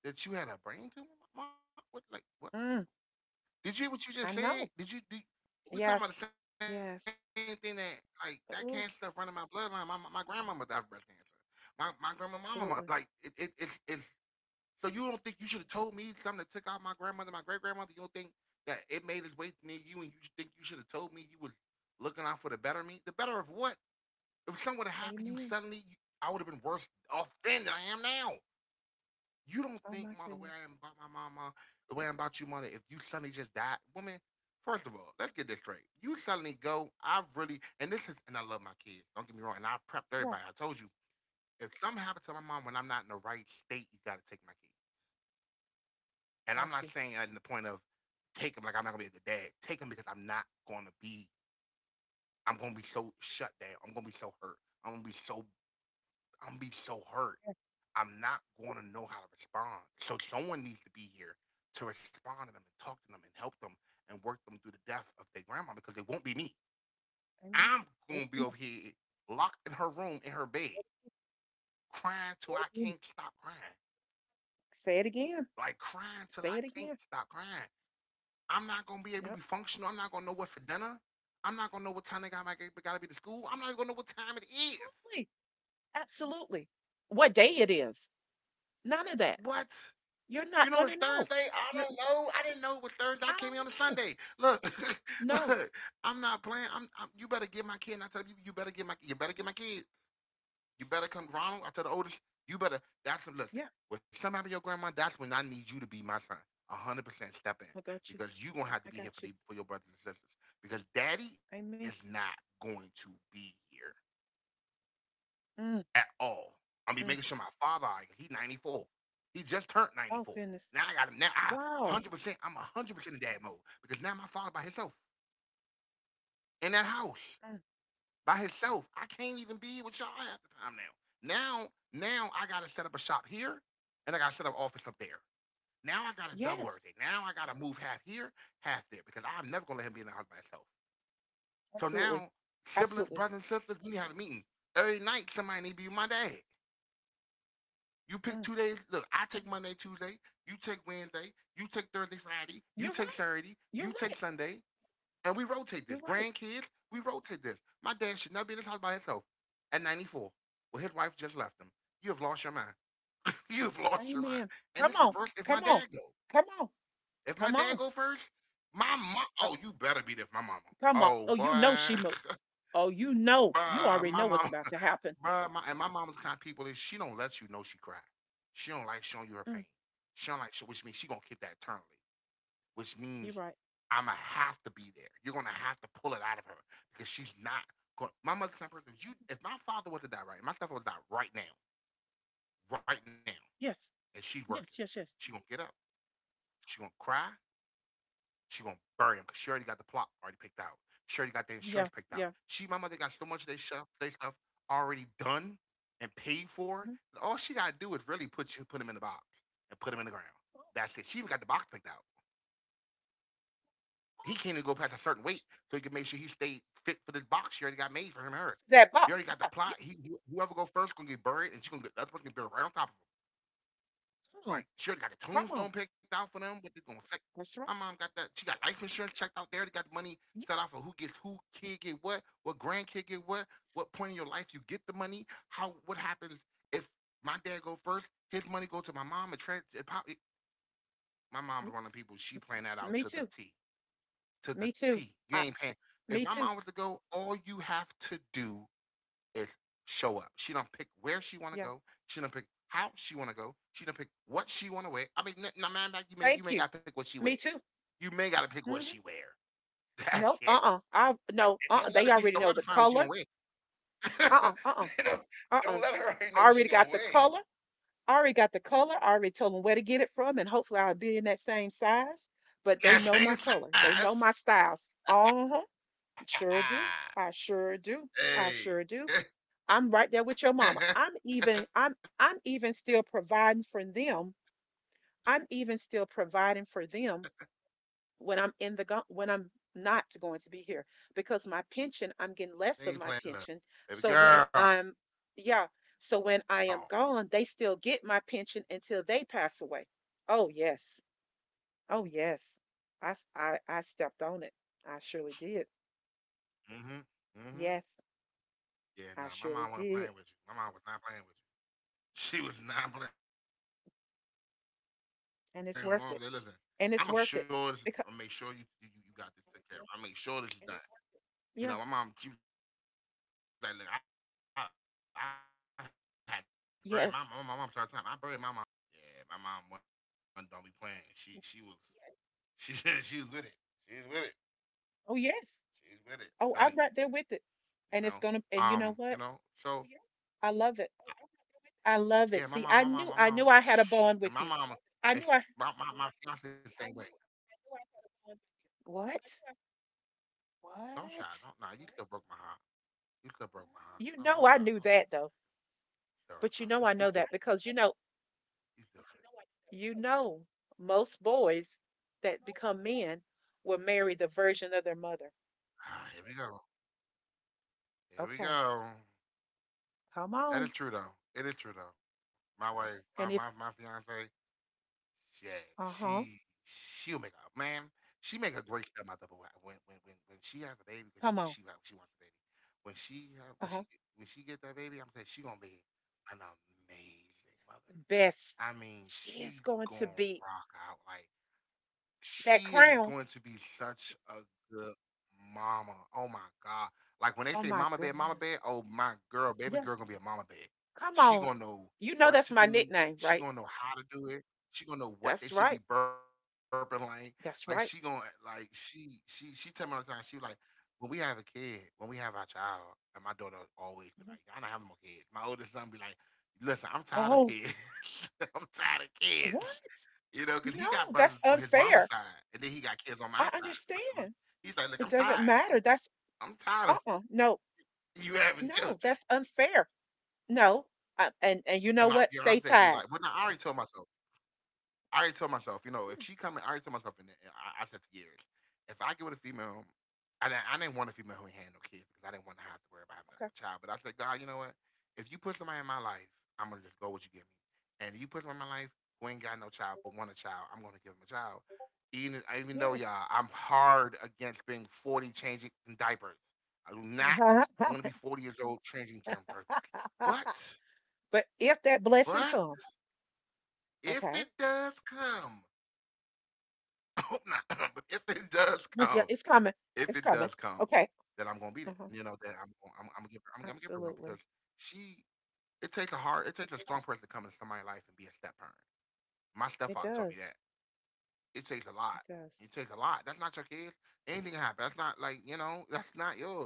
A: that you had a brain tumor? Ma, what? Like what?
B: Mm,
A: Did you hear what you just
B: I
A: said?
B: know.
A: Did you? We talking about
B: Yes.
A: the same thing that
B: Yes.
A: like that cancer stuff running my bloodline.
B: Oh,
A: My grandmama died of breast cancer. My grandma like it it
B: absolutely.
A: it's it's so you don't think you should have told me something that took out my grandmother, my great grandmother. You don't think that it made its way near you, and you think you should have told me you was looking out for the better of me. The better of what? If something would have happened to you
B: Amen.
A: suddenly, you, I would have been worse off then than I am now. You don't
B: Oh
A: think,
B: my
A: ma, the way
B: goodness.
A: I am about my mama, the way I'm about you, mother, if you suddenly just die, woman, first of all, let's get this straight. You suddenly go, I really, and this is, and I love my kids, don't get me wrong, and I
B: Yeah,
A: prepped everybody. I told you, if something happens to my mom when I'm not in the right state, you got to take my kids.
B: got
A: And I'm
B: you.
A: not saying that in the point of take them like I'm not going to be a good dad. Take them because I'm not going to be, I'm going to be so shut down. I'm going to be so hurt. I'm going to be so I'm be so hurt. I'm not gonna know how to respond. So someone needs to be here to respond to them and talk to them and help them and work them through the death of their grandma because it won't be me.
B: Amen.
A: I'm gonna be over here locked in her room in her bed, crying till I
B: Amen.
A: can't stop crying.
B: Say it again.
A: Like crying till
B: Say it again. Say
A: I
B: it
A: can't
B: again.
A: stop crying. I'm not gonna be able to
B: Yep.
A: be functional. I'm not gonna know what for dinner. I'm not gonna know what time they got, to be to school. I'm not gonna know what time it is.
B: Absolutely. Absolutely. What day it is, none of that.
A: What?
B: You're
A: You
B: not
A: know
B: going
A: it's
B: to know.
A: Thursday? I
B: You're,
A: don't know. I didn't know it was Thursday. I
B: I
A: came
B: don't
A: here on a
B: know.
A: Sunday. Look,
B: No.
A: look, I'm not playing. I'm you better give my kid. And I tell you, you better give my you better give my kids. You better come Ronald. I tell the oldest, you better that's listen.
B: Yeah,
A: When something happened to your grandma, that's when I need you to be my son. 100% step in.
B: I got you.
A: Because you gonna have to be
B: I
A: here for the
B: got you.
A: for your brothers and sisters. Because daddy is
B: Amen.
A: not going to be here. At
B: Mm,
A: all. I'm be making sure
B: mm.
A: my father, like, he 94. He just turned 94.
B: Oh,
A: Now
B: goodness.
A: I got him. Now I
B: Wow.
A: 100%, I'm 100% in dad mode because now my father by himself in that house
B: Mm.
A: by himself. I can't even be with y'all half the time now. Now I got to set up a shop here and I got to set up office up there. Now I got to double
B: Yes,
A: everything. Now I got to move half here, half there because I'm never going to let him be in the house by himself. So
B: absolutely.
A: now, siblings,
B: Absolutely.
A: brothers, and sisters, we need to have a meeting. Every night, somebody need to be my dad. You pick
B: Mm.
A: two days. Look, I take Monday, Tuesday. You take Wednesday. You take Thursday, Friday. You
B: You're
A: take
B: right.
A: Saturday.
B: You're
A: You take
B: right.
A: Sunday. And we rotate this.
B: You're right.
A: Grandkids, we rotate this. My dad should not be in this house by himself at 94. Well, his wife just left him. You have lost your mind. You have lost your mind.
B: Amen.
A: And
B: Come
A: it's
B: on.
A: reversed if
B: Come
A: my
B: on.
A: dad go.
B: Come on.
A: If my dad
B: Come
A: go
B: on.
A: first, my mom. Oh, you
B: Uh,
A: better be there for my mama. Oh,
B: Come on. Oh, you know she
A: boy.
B: moved. Oh, you know. You already
A: My
B: know
A: mama.
B: what's about to happen.
A: Bruh, my and my mama's kind of people is she don't let you know she cried. She don't like showing you her pain.
B: Mm,
A: She don't like show, Which means she gonna keep that eternally. Which means
B: you're right.
A: I'ma have to be there. You're gonna have to pull it out of her because she's not going. My mother's kind of person. If my father was to die right, my father would die right now, right now,
B: Yes.
A: and she's working.
B: Yes, yes, yes.
A: She gonna get up. She gonna cry. She gonna bury him because she already got the plot already picked out. She already got the
B: Yeah,
A: insurance picked out.
B: yeah.
A: She, my mother, got so much of their stuff already done and paid for.
B: Mhm.
A: That all she gotta do is really put him in the box and put him in the ground. That's it. She even got the box picked out. He can't even go past a certain weight, so he can make sure he stay fit for this box she already got made for him and her.
B: That
A: You
B: box.
A: already got
B: Yeah.
A: the
B: Yeah.
A: plot. He Whoever go first gonna get buried, and she gonna get the other person gonna get buried right on top of him.
B: Come on.
A: Like, she already got a
B: Come on.
A: tombstone picked out for them, but they're gonna say
B: That's
A: my
B: right.
A: mom got that. She got life insurance checked out. They already got money set out for
B: Yes.
A: who gets who, kid get what grandkid get what point in your life you get the money, how what happens if my dad go first, his money go to my mom and trans. It probably, my mom is one of
B: Yes.
A: the people. She playing that out
B: Me too.
A: To the
B: Me too.
A: T. You
B: I,
A: ain't paying. If
B: Me
A: my
B: too.
A: mom was to go, all you have to do is show up. She don't pick where she want to
B: Yeah.
A: go. She don't pick how she want to go. She don't pick what she want to wear. I mean, now man, like, you
B: Thank
A: may
B: you.
A: gotta pick what she wear.
B: Me too.
A: You may gotta pick what
B: Hmm.
A: she wear. That's
B: No.
A: it.
B: Uh-uh. I no.
A: And don't let
B: They
A: it be.
B: already
A: don't
B: know
A: let her
B: the
A: find what she
B: color.
A: gonna wear.
B: Uh-uh. Uh-uh.
A: don't,
B: Uh-uh.
A: don't let her already
B: I
A: know what
B: already
A: she
B: got the
A: gonna wear.
B: color. I already got the color. I already told them where to get it from, and hopefully I'll be in that same size. But they know
A: That
B: my
A: same
B: color. They know my
A: size.
B: styles. Uh huh.
A: Ah,
B: Sure do. I sure do. I
A: hey.
B: sure do. I'm right there with your mama. I'm even still
A: She already got the
B: providing for
A: same
B: them.
A: size. She ain't playing with
B: I'm
A: y'all.
B: even
A: She
B: still
A: ain't playing with
B: providing for
A: y'all.
B: them when I'm in the go- when
A: Love.
B: I'm not going to be here,
A: I'm not. But I
B: because my
A: told my mom, I
B: pension,
A: said,
B: I'm
A: little
B: getting
A: baby
B: less of
A: girl,
B: my pension.
A: baby
B: So when
A: girl.
B: I'm yeah, so when I am gone, they still get my pension until they pass away. Oh yes. Oh yes. I stepped on it. I
A: Mm-hmm.
B: surely did.
A: Mm-hmm. Yeah, no,
B: Yes,
A: my mom wasn't playing with you. My mom
B: I
A: was not
B: surely
A: playing with you.
B: did.
A: She was not playing with mom. They listen, I'm gonna make sure this is taken care of. I'm gonna make sure
B: And
A: you
B: it's
A: don't
B: worth
A: need
B: it.
A: for this. I'm
B: And
A: gonna
B: it's
A: make
B: worth
A: sure
B: it
A: this is, I'm gonna
B: because
A: make sure you got this taken care of. I'm gonna make sure this is done. You know,
B: yeah.
A: my mom, she was like, look, I had to bury my mom. My mom tried time. I buried my mom, and it was hella expensive. I buried this, and it was
B: Yes.
A: ridiculously expensive. Yeah, my mom one don't be playing. She was. Yeah, she she was with it. She's with it.
B: Oh
A: She's
B: yes.
A: with it. I'm telling you,
B: Oh, I'm right there with it.
A: you know.
B: And it's gonna
A: Um,
B: And you
A: you
B: know
A: know.
B: what?
A: So yes.
B: I love it. I
A: Yeah,
B: love
A: my
B: it.
A: mom,
B: See,
A: my
B: I
A: mom, my
B: knew I
A: mom,
B: knew I had a bond
A: and my
B: with you.
A: mom,
B: I
A: ex-
B: knew I
A: my my fiance I same way.
B: What?
A: Don't try. Don't nah.
B: What?
A: You right? Still broke my heart. You still broke my no heart. No, don't
B: You
A: try.
B: know
A: Don't
B: I
A: try to
B: knew
A: come back.
B: that though.
A: So, nah, you,
B: But you know I know that because,
A: you still hurt.
B: you know most boys that become men will marry the version of their mother.
A: Ah, here we go. Here we
B: Okay.
A: go.
B: Come
A: That is
B: on.
A: true though. It is true though. My wife, my my,
B: And
A: my
B: if
A: fiance, yeah, she
B: Uh-huh,
A: she'll make a man. She make a great stepmother, but when she has a baby, because she
B: come
A: she
B: on.
A: wa- she wants a baby. When she have
B: Uh-huh.
A: when she get that baby, I'm saying she gonna be an amazing mother.
B: Best.
A: I mean,
B: She is
A: she
B: going to
A: gonna
B: be
A: rock out like
B: that
A: she is
B: crown.
A: going to be such a good mama. Oh my god! Like when
B: Oh
A: they say
B: my
A: mama bear,
B: goodness.
A: mama bear. Oh my girl, baby
B: Yes.
A: girl gonna be a mama bear.
B: Come on.
A: She gonna
B: You
A: know
B: know that's my
A: what to do.
B: nickname, right?
A: She gonna know how to do it. She gonna know
B: That's
A: what they
B: right.
A: should be burping like. Like she gonna
B: That's right.
A: like she tell me all the time. She like when we have a kid, when we have our child, and my daughter always be like, I do not
B: Mhm.
A: having more kids. My oldest son be like, "Listen, I'm tired of kids.
B: Oh,
A: I'm tired of kids."
B: what?
A: You know, cause he got
B: No,
A: brothers on
B: that's
A: his mama's
B: unfair.
A: side, and then he got kids on my
B: I
A: side.
B: understand.
A: He's like, "Look, I'm
B: It doesn't
A: tired. I'm
B: matter. That's
A: I'm tired of
B: Uh-uh. No,
A: you having
B: no,
A: children."
B: that's unfair. No. And you
A: And
B: know
A: my
B: what? Stay
A: fiance be
B: tied.
A: like, "Well, no, I already told myself I already told myself, you know, if
B: Hmm,
A: she coming, I already told myself, and I said for years, if I get with a female, I didn't want a female who ain't had no kids because I didn't want to have to worry about having
B: okay.
A: no child. But I said, God, you know what? If you put somebody in my life, I'm gonna just go with you give me. And if you put somebody in my life who ain't got no child but want a child, I'm gonna give him a child. Even though
B: Yes.
A: y'all, I'm hard against being 40 changing diapers. I do not want to be 40 years old changing germ diapers. But
B: But if that blessing
A: but
B: comes,
A: if
B: okay?
A: it does come, I hope not, but if it does come,
B: Look, yeah,
A: if
B: it's
A: it does
B: coming.
A: come,
B: It's coming.
A: then I'm gonna
B: Okay.
A: be there. And you know that I'm
B: Uh-huh.
A: gonna, I'm gonna give her I'm gonna give her one because
B: Absolutely.
A: she it takes a hard it takes a strong person to come into somebody's life and be a step parent. My stepfather told
B: It
A: me that.
B: does.
A: It takes a lot.
B: It
A: It
B: does.
A: takes a lot. That's not your kids. Anything can happen. That's not like you know. That's not yours.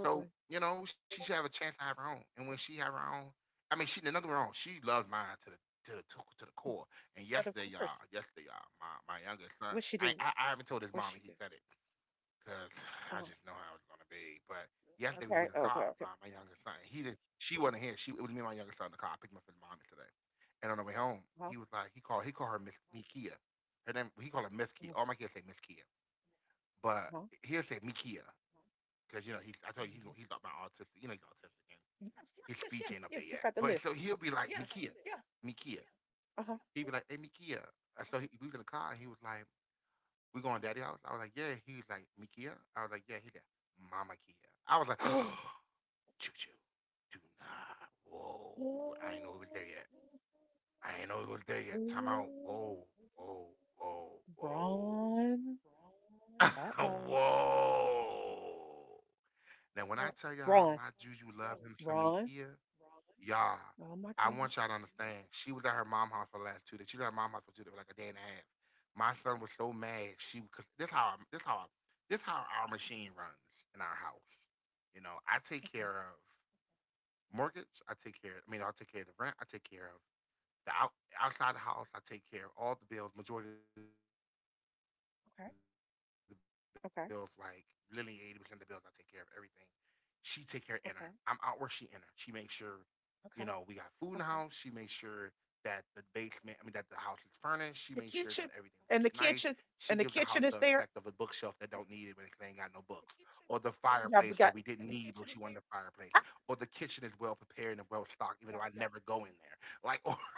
A: So you know she should have a chance to have her own. And when she have her own, I mean, she did nothing wrong. She loves mine to the to the to the core. And
B: But of course.
A: yesterday, y'all, my youngest son,
B: What
A: I
B: she
A: I, I
B: do?
A: haven't told his mom, and
B: What
A: he
B: she
A: said
B: do?
A: it. 'Cause I just
B: Oh,
A: know how it's gonna be. But yesterday we was in the
B: okay,
A: car,
B: okay,
A: my,
B: okay.
A: my youngest son. He did. She wasn't here. She it was me and my youngest son in the car. I picked him up from the mom today. And on the way home, he
B: Uh-huh,
A: was like, he called her Miss Mikia. Her name he called her Miss Kia. All
B: uh-huh,
A: my kids say Miss Kia, but
B: uh-huh.
A: he'll say Mikia because you know he I told you he's
B: Uh-huh.
A: he's like my autistic. You know he's autistic and
B: Yes,
A: his
B: yes, yes,
A: speech ain't up
B: yes,
A: there
B: yes.
A: yet.
B: She's got the
A: But so
B: list.
A: he'll be like
B: Yeah,
A: Mikia,
B: yeah.
A: Mikia.
B: Uh
A: He'd
B: huh.
A: be like, hey Mikia. And so he, we was in the car and he was like, we going daddy house? I was like, yeah. He was like, me Kia? I was like, yeah. He like, mama Kia. I was like, oh, choo choo. Do not. Whoa. I ain't know it was
B: Ooh,
A: there yet. I ain't know it was there yet. Time out. Whoa.
B: ooh,
A: Whoa. Whoa.
B: Ron. Uh
A: Whoa.
B: oh.
A: whoa. Now, when I
B: Uh,
A: tell y'all
B: Ron.
A: my Juju loved him some
B: Ron.
A: Ikea, y'all,
B: Oh my
A: I want
B: goodness.
A: y'all to understand. She was at her mom house for the last 2 days. She was at her mom house for 2 days, for like a day and a half. My son was so mad. She cause this how this how our machine runs in our house. You know, I
B: Okay,
A: take care of mortgage. I take care. I mean, I take care of the rent. I take care of the out, outside the house. I take care of all the bills. Majority of the bills, like literally eighty
B: okay,
A: percent of the bills, I take care of everything
B: okay,
A: she take care of inner. I'm out where she inner. She makes sure, you
B: okay,
A: know, we got food in the house. She makes sure
B: okay,
A: that the basement,
B: okay.
A: I mean, that the house is furnished. She makes sure that everything looks nice. She
B: The
A: gives the house
B: kitchen
A: the effect
B: and the
A: of a
B: kitchen
A: bookshelf that don't
B: the
A: need it when
B: kitchen
A: it
B: is
A: ain't
B: there.
A: got no books, or the fireplace that we didn't need, but she wanted a
B: Yeah, we
A: fireplace,
B: got.
A: or the kitchen is well
B: Ah.
A: prepared and well stocked, even though I never go in there. Like, or,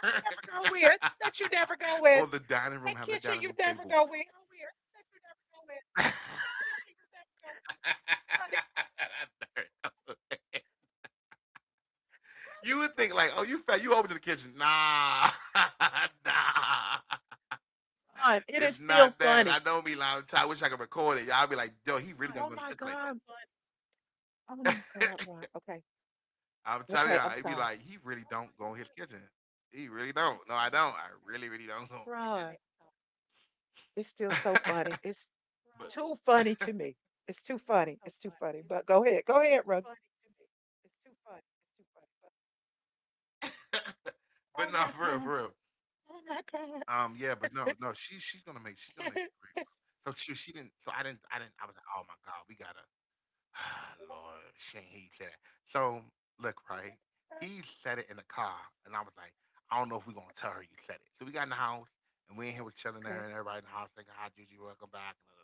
B: That you never go in.
A: or the
B: That you
A: dining
B: never
A: room having
B: go
A: a
B: in.
A: dining room table.
B: That kitchen you never go in. Ronnie. Ronnie.
A: You would think like, oh, you fat, you over to the kitchen. Nah, nah,
B: Fun. It
A: it's
B: is
A: not
B: still
A: that. I
B: funny.
A: know me, like, I wish I could record it. Y'all be like, yo, he really don't go
B: Oh
A: to the
B: my
A: kitchen
B: God. Oh
A: like
B: my God,
A: that.
B: Ron. Okay.
A: I'm telling
B: Okay.
A: y'all, he
B: I'm
A: be
B: sorry.
A: like, he really don't go in his kitchen. He really don't. No, I don't. I really, really don't go
B: Ron,
A: in
B: it's still
A: my
B: so
A: kitchen.
B: funny. It's too
A: but
B: funny to me. It's too funny. It's too funny. But go ahead. Go ahead, Ron.
A: but
B: Oh
A: no,
B: my
A: for real,
B: God.
A: for real.
B: Oh my God.
A: Yeah, but no, no, she's gonna make she's gonna make
B: Oh
A: a great one. So she didn't. So I didn't. I didn't. I was like, oh my god, we gotta Lord, shouldn't he say that? So look,
B: my
A: right?
B: God.
A: He said it in the car, and I was like, I don't know if we're gonna tell her you said it. So we got in the house, and we in here with chilling there,
B: Okay.
A: and everybody in the house thinking, "Hi, Juju, welcome back." And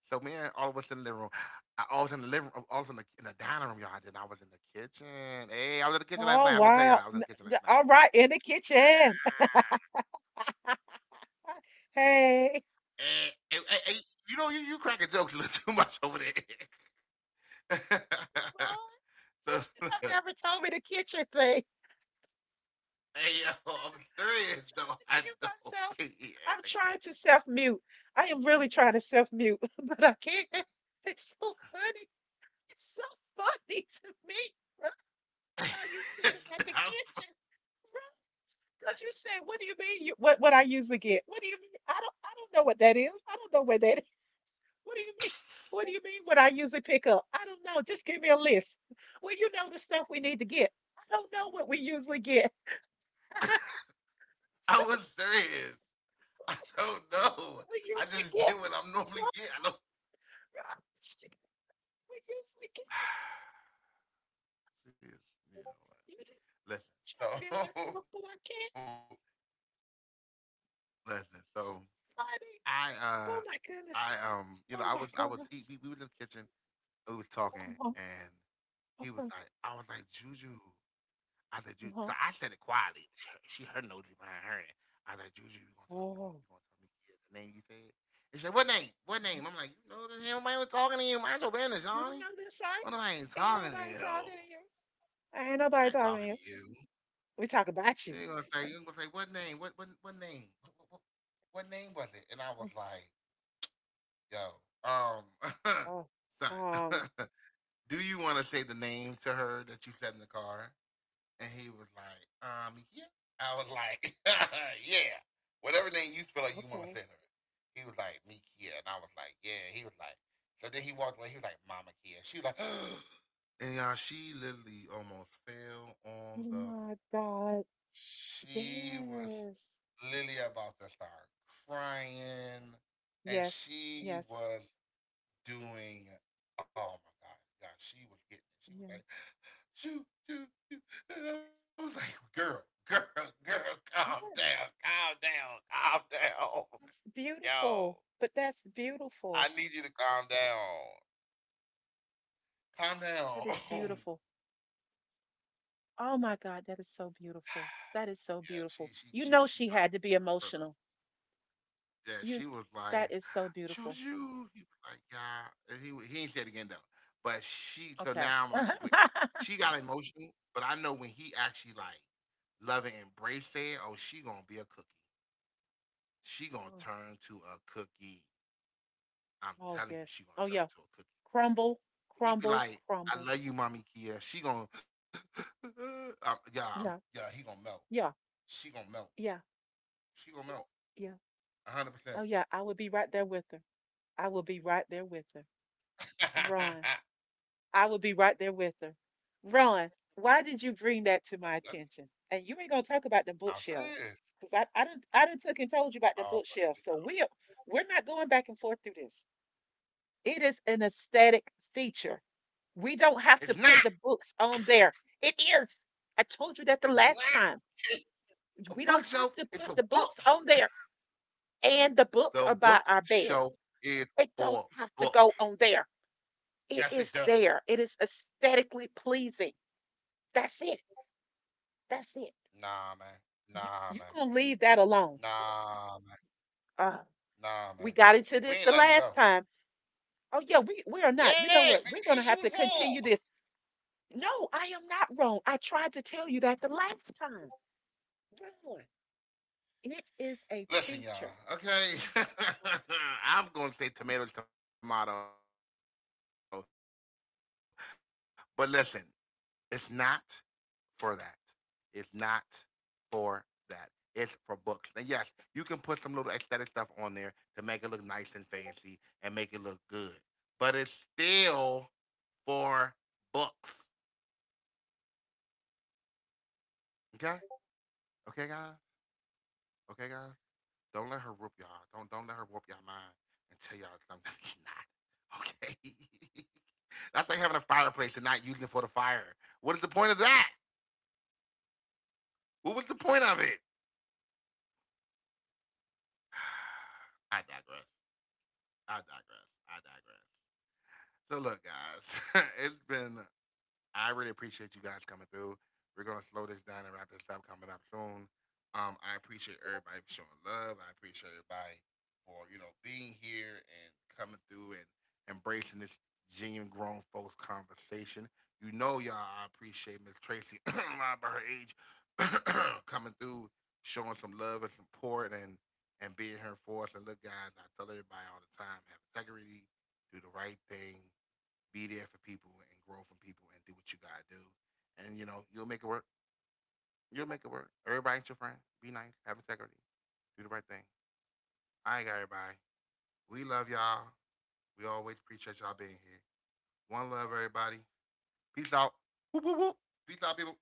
A: so me and all of us in the living room, I was in the living room, I was in the dining room, y'all. Then I was in the kitchen. Hey, I was in the kitchen last
B: Oh,
A: night. I'm gonna tell
B: wow.
A: y'all, I was in the kitchen last night.
B: All right. In the kitchen. Hey.
A: Hey, hey, you know, you cracking jokes a little too much over there.
B: Ron, you should have never
A: So,
B: told me the kitchen thing.
A: hey yo, I'm serious though.
B: To mute
A: I don't
B: myself.
A: pee
B: I'm
A: in the
B: trying to self mute. I am really trying to self mute, but I can't. It's so funny. It's so funny to me. Right?
A: kitchen.
B: How you said about the
A: I,
B: kitchen, because you said, "What do you mean? What I usually get? What do you mean? I don't know what that is. I don't know where that is. What do you mean? What do you mean? What I usually pick up? I don't know. Just give me a list. Well, you know the stuff we need to get. I don't know what we usually get. I
A: I
B: don't know
A: was serious. I don't know.
B: what we
A: I
B: usually
A: just
B: get.
A: get what I'm
B: So
A: normally get. I don't.
B: We just we can
A: See, you know what? Listen.
B: trying to be
A: So
B: myself, but I can't.
A: listen. So I uh
B: Friday.
A: I
B: Oh my
A: you
B: goodness.
A: know I was
B: Oh
A: he
B: my
A: we was in the
B: goodness.
A: kitchen. We was talking and
B: Uh-huh.
A: he was like
B: Uh-huh.
A: I was like Juju. I said, "Juju, I
B: Uh-huh.
A: said it quietly. She heard nosy behind her. I said, Juju, you gonna tell you gonna
B: Oh.
A: you gonna tell me yeah, the name you said? And she said, what name? What
B: You
A: name? I'm like, you know, this hell, man was talking to you. Mind your business, Johnny.
B: know this, right?
A: What if I ain't
B: Ain't
A: talking to
B: nobody
A: you?
B: talking to you. Ain't nobody
A: I ain't
B: talking to
A: talking
B: you.
A: to you.
B: We talk about you.
A: And you gonna say, what name? What name? What name was it? And I was like, yo, um,
B: Oh.
A: son,
B: Um.
A: do you want to say the name to her that you said in the car? And he was like, yeah. I was like, yeah. Whatever name you feel like you want
B: Okay.
A: to say to her. He was like, me Kia. And I was like, yeah. He was like, so then he walked away. He was like, Mama Kia. She was like, and y'all, she literally almost fell
B: Oh
A: on
B: my
A: the floor.
B: God.
A: She
B: Yes.
A: was literally about to start crying.
B: Yes.
A: And
B: Yes.
A: she was doing. Oh my god, yeah, she was getting it. She
B: Yes.
A: was like, choo, choo. And I was like, girl, girl, girl,
B: Yes.
A: calm down,
B: That's beautiful.
A: yo.
B: But that's beautiful.
A: I need you to calm down, calm
B: That
A: down.
B: is
A: yeah,
B: beautiful. Oh my God, that is so beautiful. That is so beautiful.
A: she, she,
B: You
A: she,
B: know
A: she
B: she
A: dropped
B: had to
A: it.
B: be
A: I felt like
B: emotional.
A: yeah,
B: You
A: she was
B: That
A: like,
B: is so
A: "Choo
B: beautiful.
A: choo." He was like, "Yeah," and he ain't say it again though. But she, so
B: Okay.
A: now I'm like, wait, I, she got emotional, but I know when he actually like love and embrace it, oh, she gonna be a cookie. She gonna
B: Mm.
A: turn to a cookie. I'm
B: Oh
A: telling you,
B: yes.
A: she
B: Oh
A: gonna
B: yeah.
A: turn to a cookie.
B: Crumble,
A: He be
B: crumble,
A: like,
B: crumble.
A: "I love you, mommy Kia." She gonna, yeah, I'm,
B: Yeah.
A: yeah, he gonna melt.
B: Yeah.
A: She gonna melt.
B: Yeah.
A: She gonna melt.
B: Yeah.
A: 100%. Percent
B: Oh yeah. I will be right there with her. I will be right there with her.
A: I'm
B: Run. I would be right there with her. Ron, why did you bring that to my
A: telling you,
B: attention? And you ain't gonna talk about the
A: I'm
B: bookshelves,
A: serious.
B: cause I done took and told you about the
A: Oh,
B: bookshelves. So we're not going back and forth through this. It is an aesthetic feature. We don't have to
A: it's
B: put
A: not.
B: the books on there. It is. I told you that the
A: It's
B: last
A: not.
B: time.
A: Okay? A
B: We don't have to
A: bookshelf is
B: put the
A: for
B: books on
A: books.
B: there. And the books are
A: The
B: by our bed.
A: bookshelf is
B: It don't
A: for
B: have to
A: books.
B: go on there. It
A: Yes,
B: is
A: it
B: there.
A: does.
B: It is aesthetically pleasing. That's it. That's it.
A: Nah, man.
B: You,
A: Nah, man.
B: you gonna leave that alone.
A: Nah, man.
B: Uh,
A: Nah, man.
B: we got into
A: We ain't
B: this the
A: letting it go.
B: last time. Oh yeah, we are not. You know
A: Yeah,
B: what?
A: because
B: We're
A: she
B: gonna
A: was
B: have to
A: wrong.
B: continue this. No, I am not wrong. I tried to tell you that the last time. It is a
A: Listen, y'all.
B: feature.
A: Okay. I'm going to say tomatoes, tomatoes. But listen, it's not for that. It's not for that. It's for books. And yes, you can put some little aesthetic stuff on there to make it look nice and fancy and make it look good. But it's still for books. Okay? Okay, guys? Okay, guys? Don't let her whoop y'all. Don't let her whoop y'all mind and tell y'all something that's not. Okay? That's like having a fireplace and not using it for the fire. What is the point of that? What was the point of it? I digress. I digress. I digress. So look, guys, it's been I really appreciate you guys coming through. We're gonna slow this down and wrap this up coming up soon. I appreciate everybody for showing love. I appreciate everybody for you know being here and coming through and embracing this genuine grown folks conversation. You know, y'all, I appreciate Miss Tracy about her age coming through, showing some love and support, and being here for us. And look, guys, I tell everybody all the time, have integrity, do the right thing, be there for people and grow from people and do what you gotta do. And you know, you'll make it work. You'll make it work. Everybody ain't your friend. Be nice. Have integrity. Do the right thing. I ain't got everybody. We love y'all. We always appreciate y'all being here. One love, everybody. Peace out. Whoop, whoop, whoop. Peace out, people.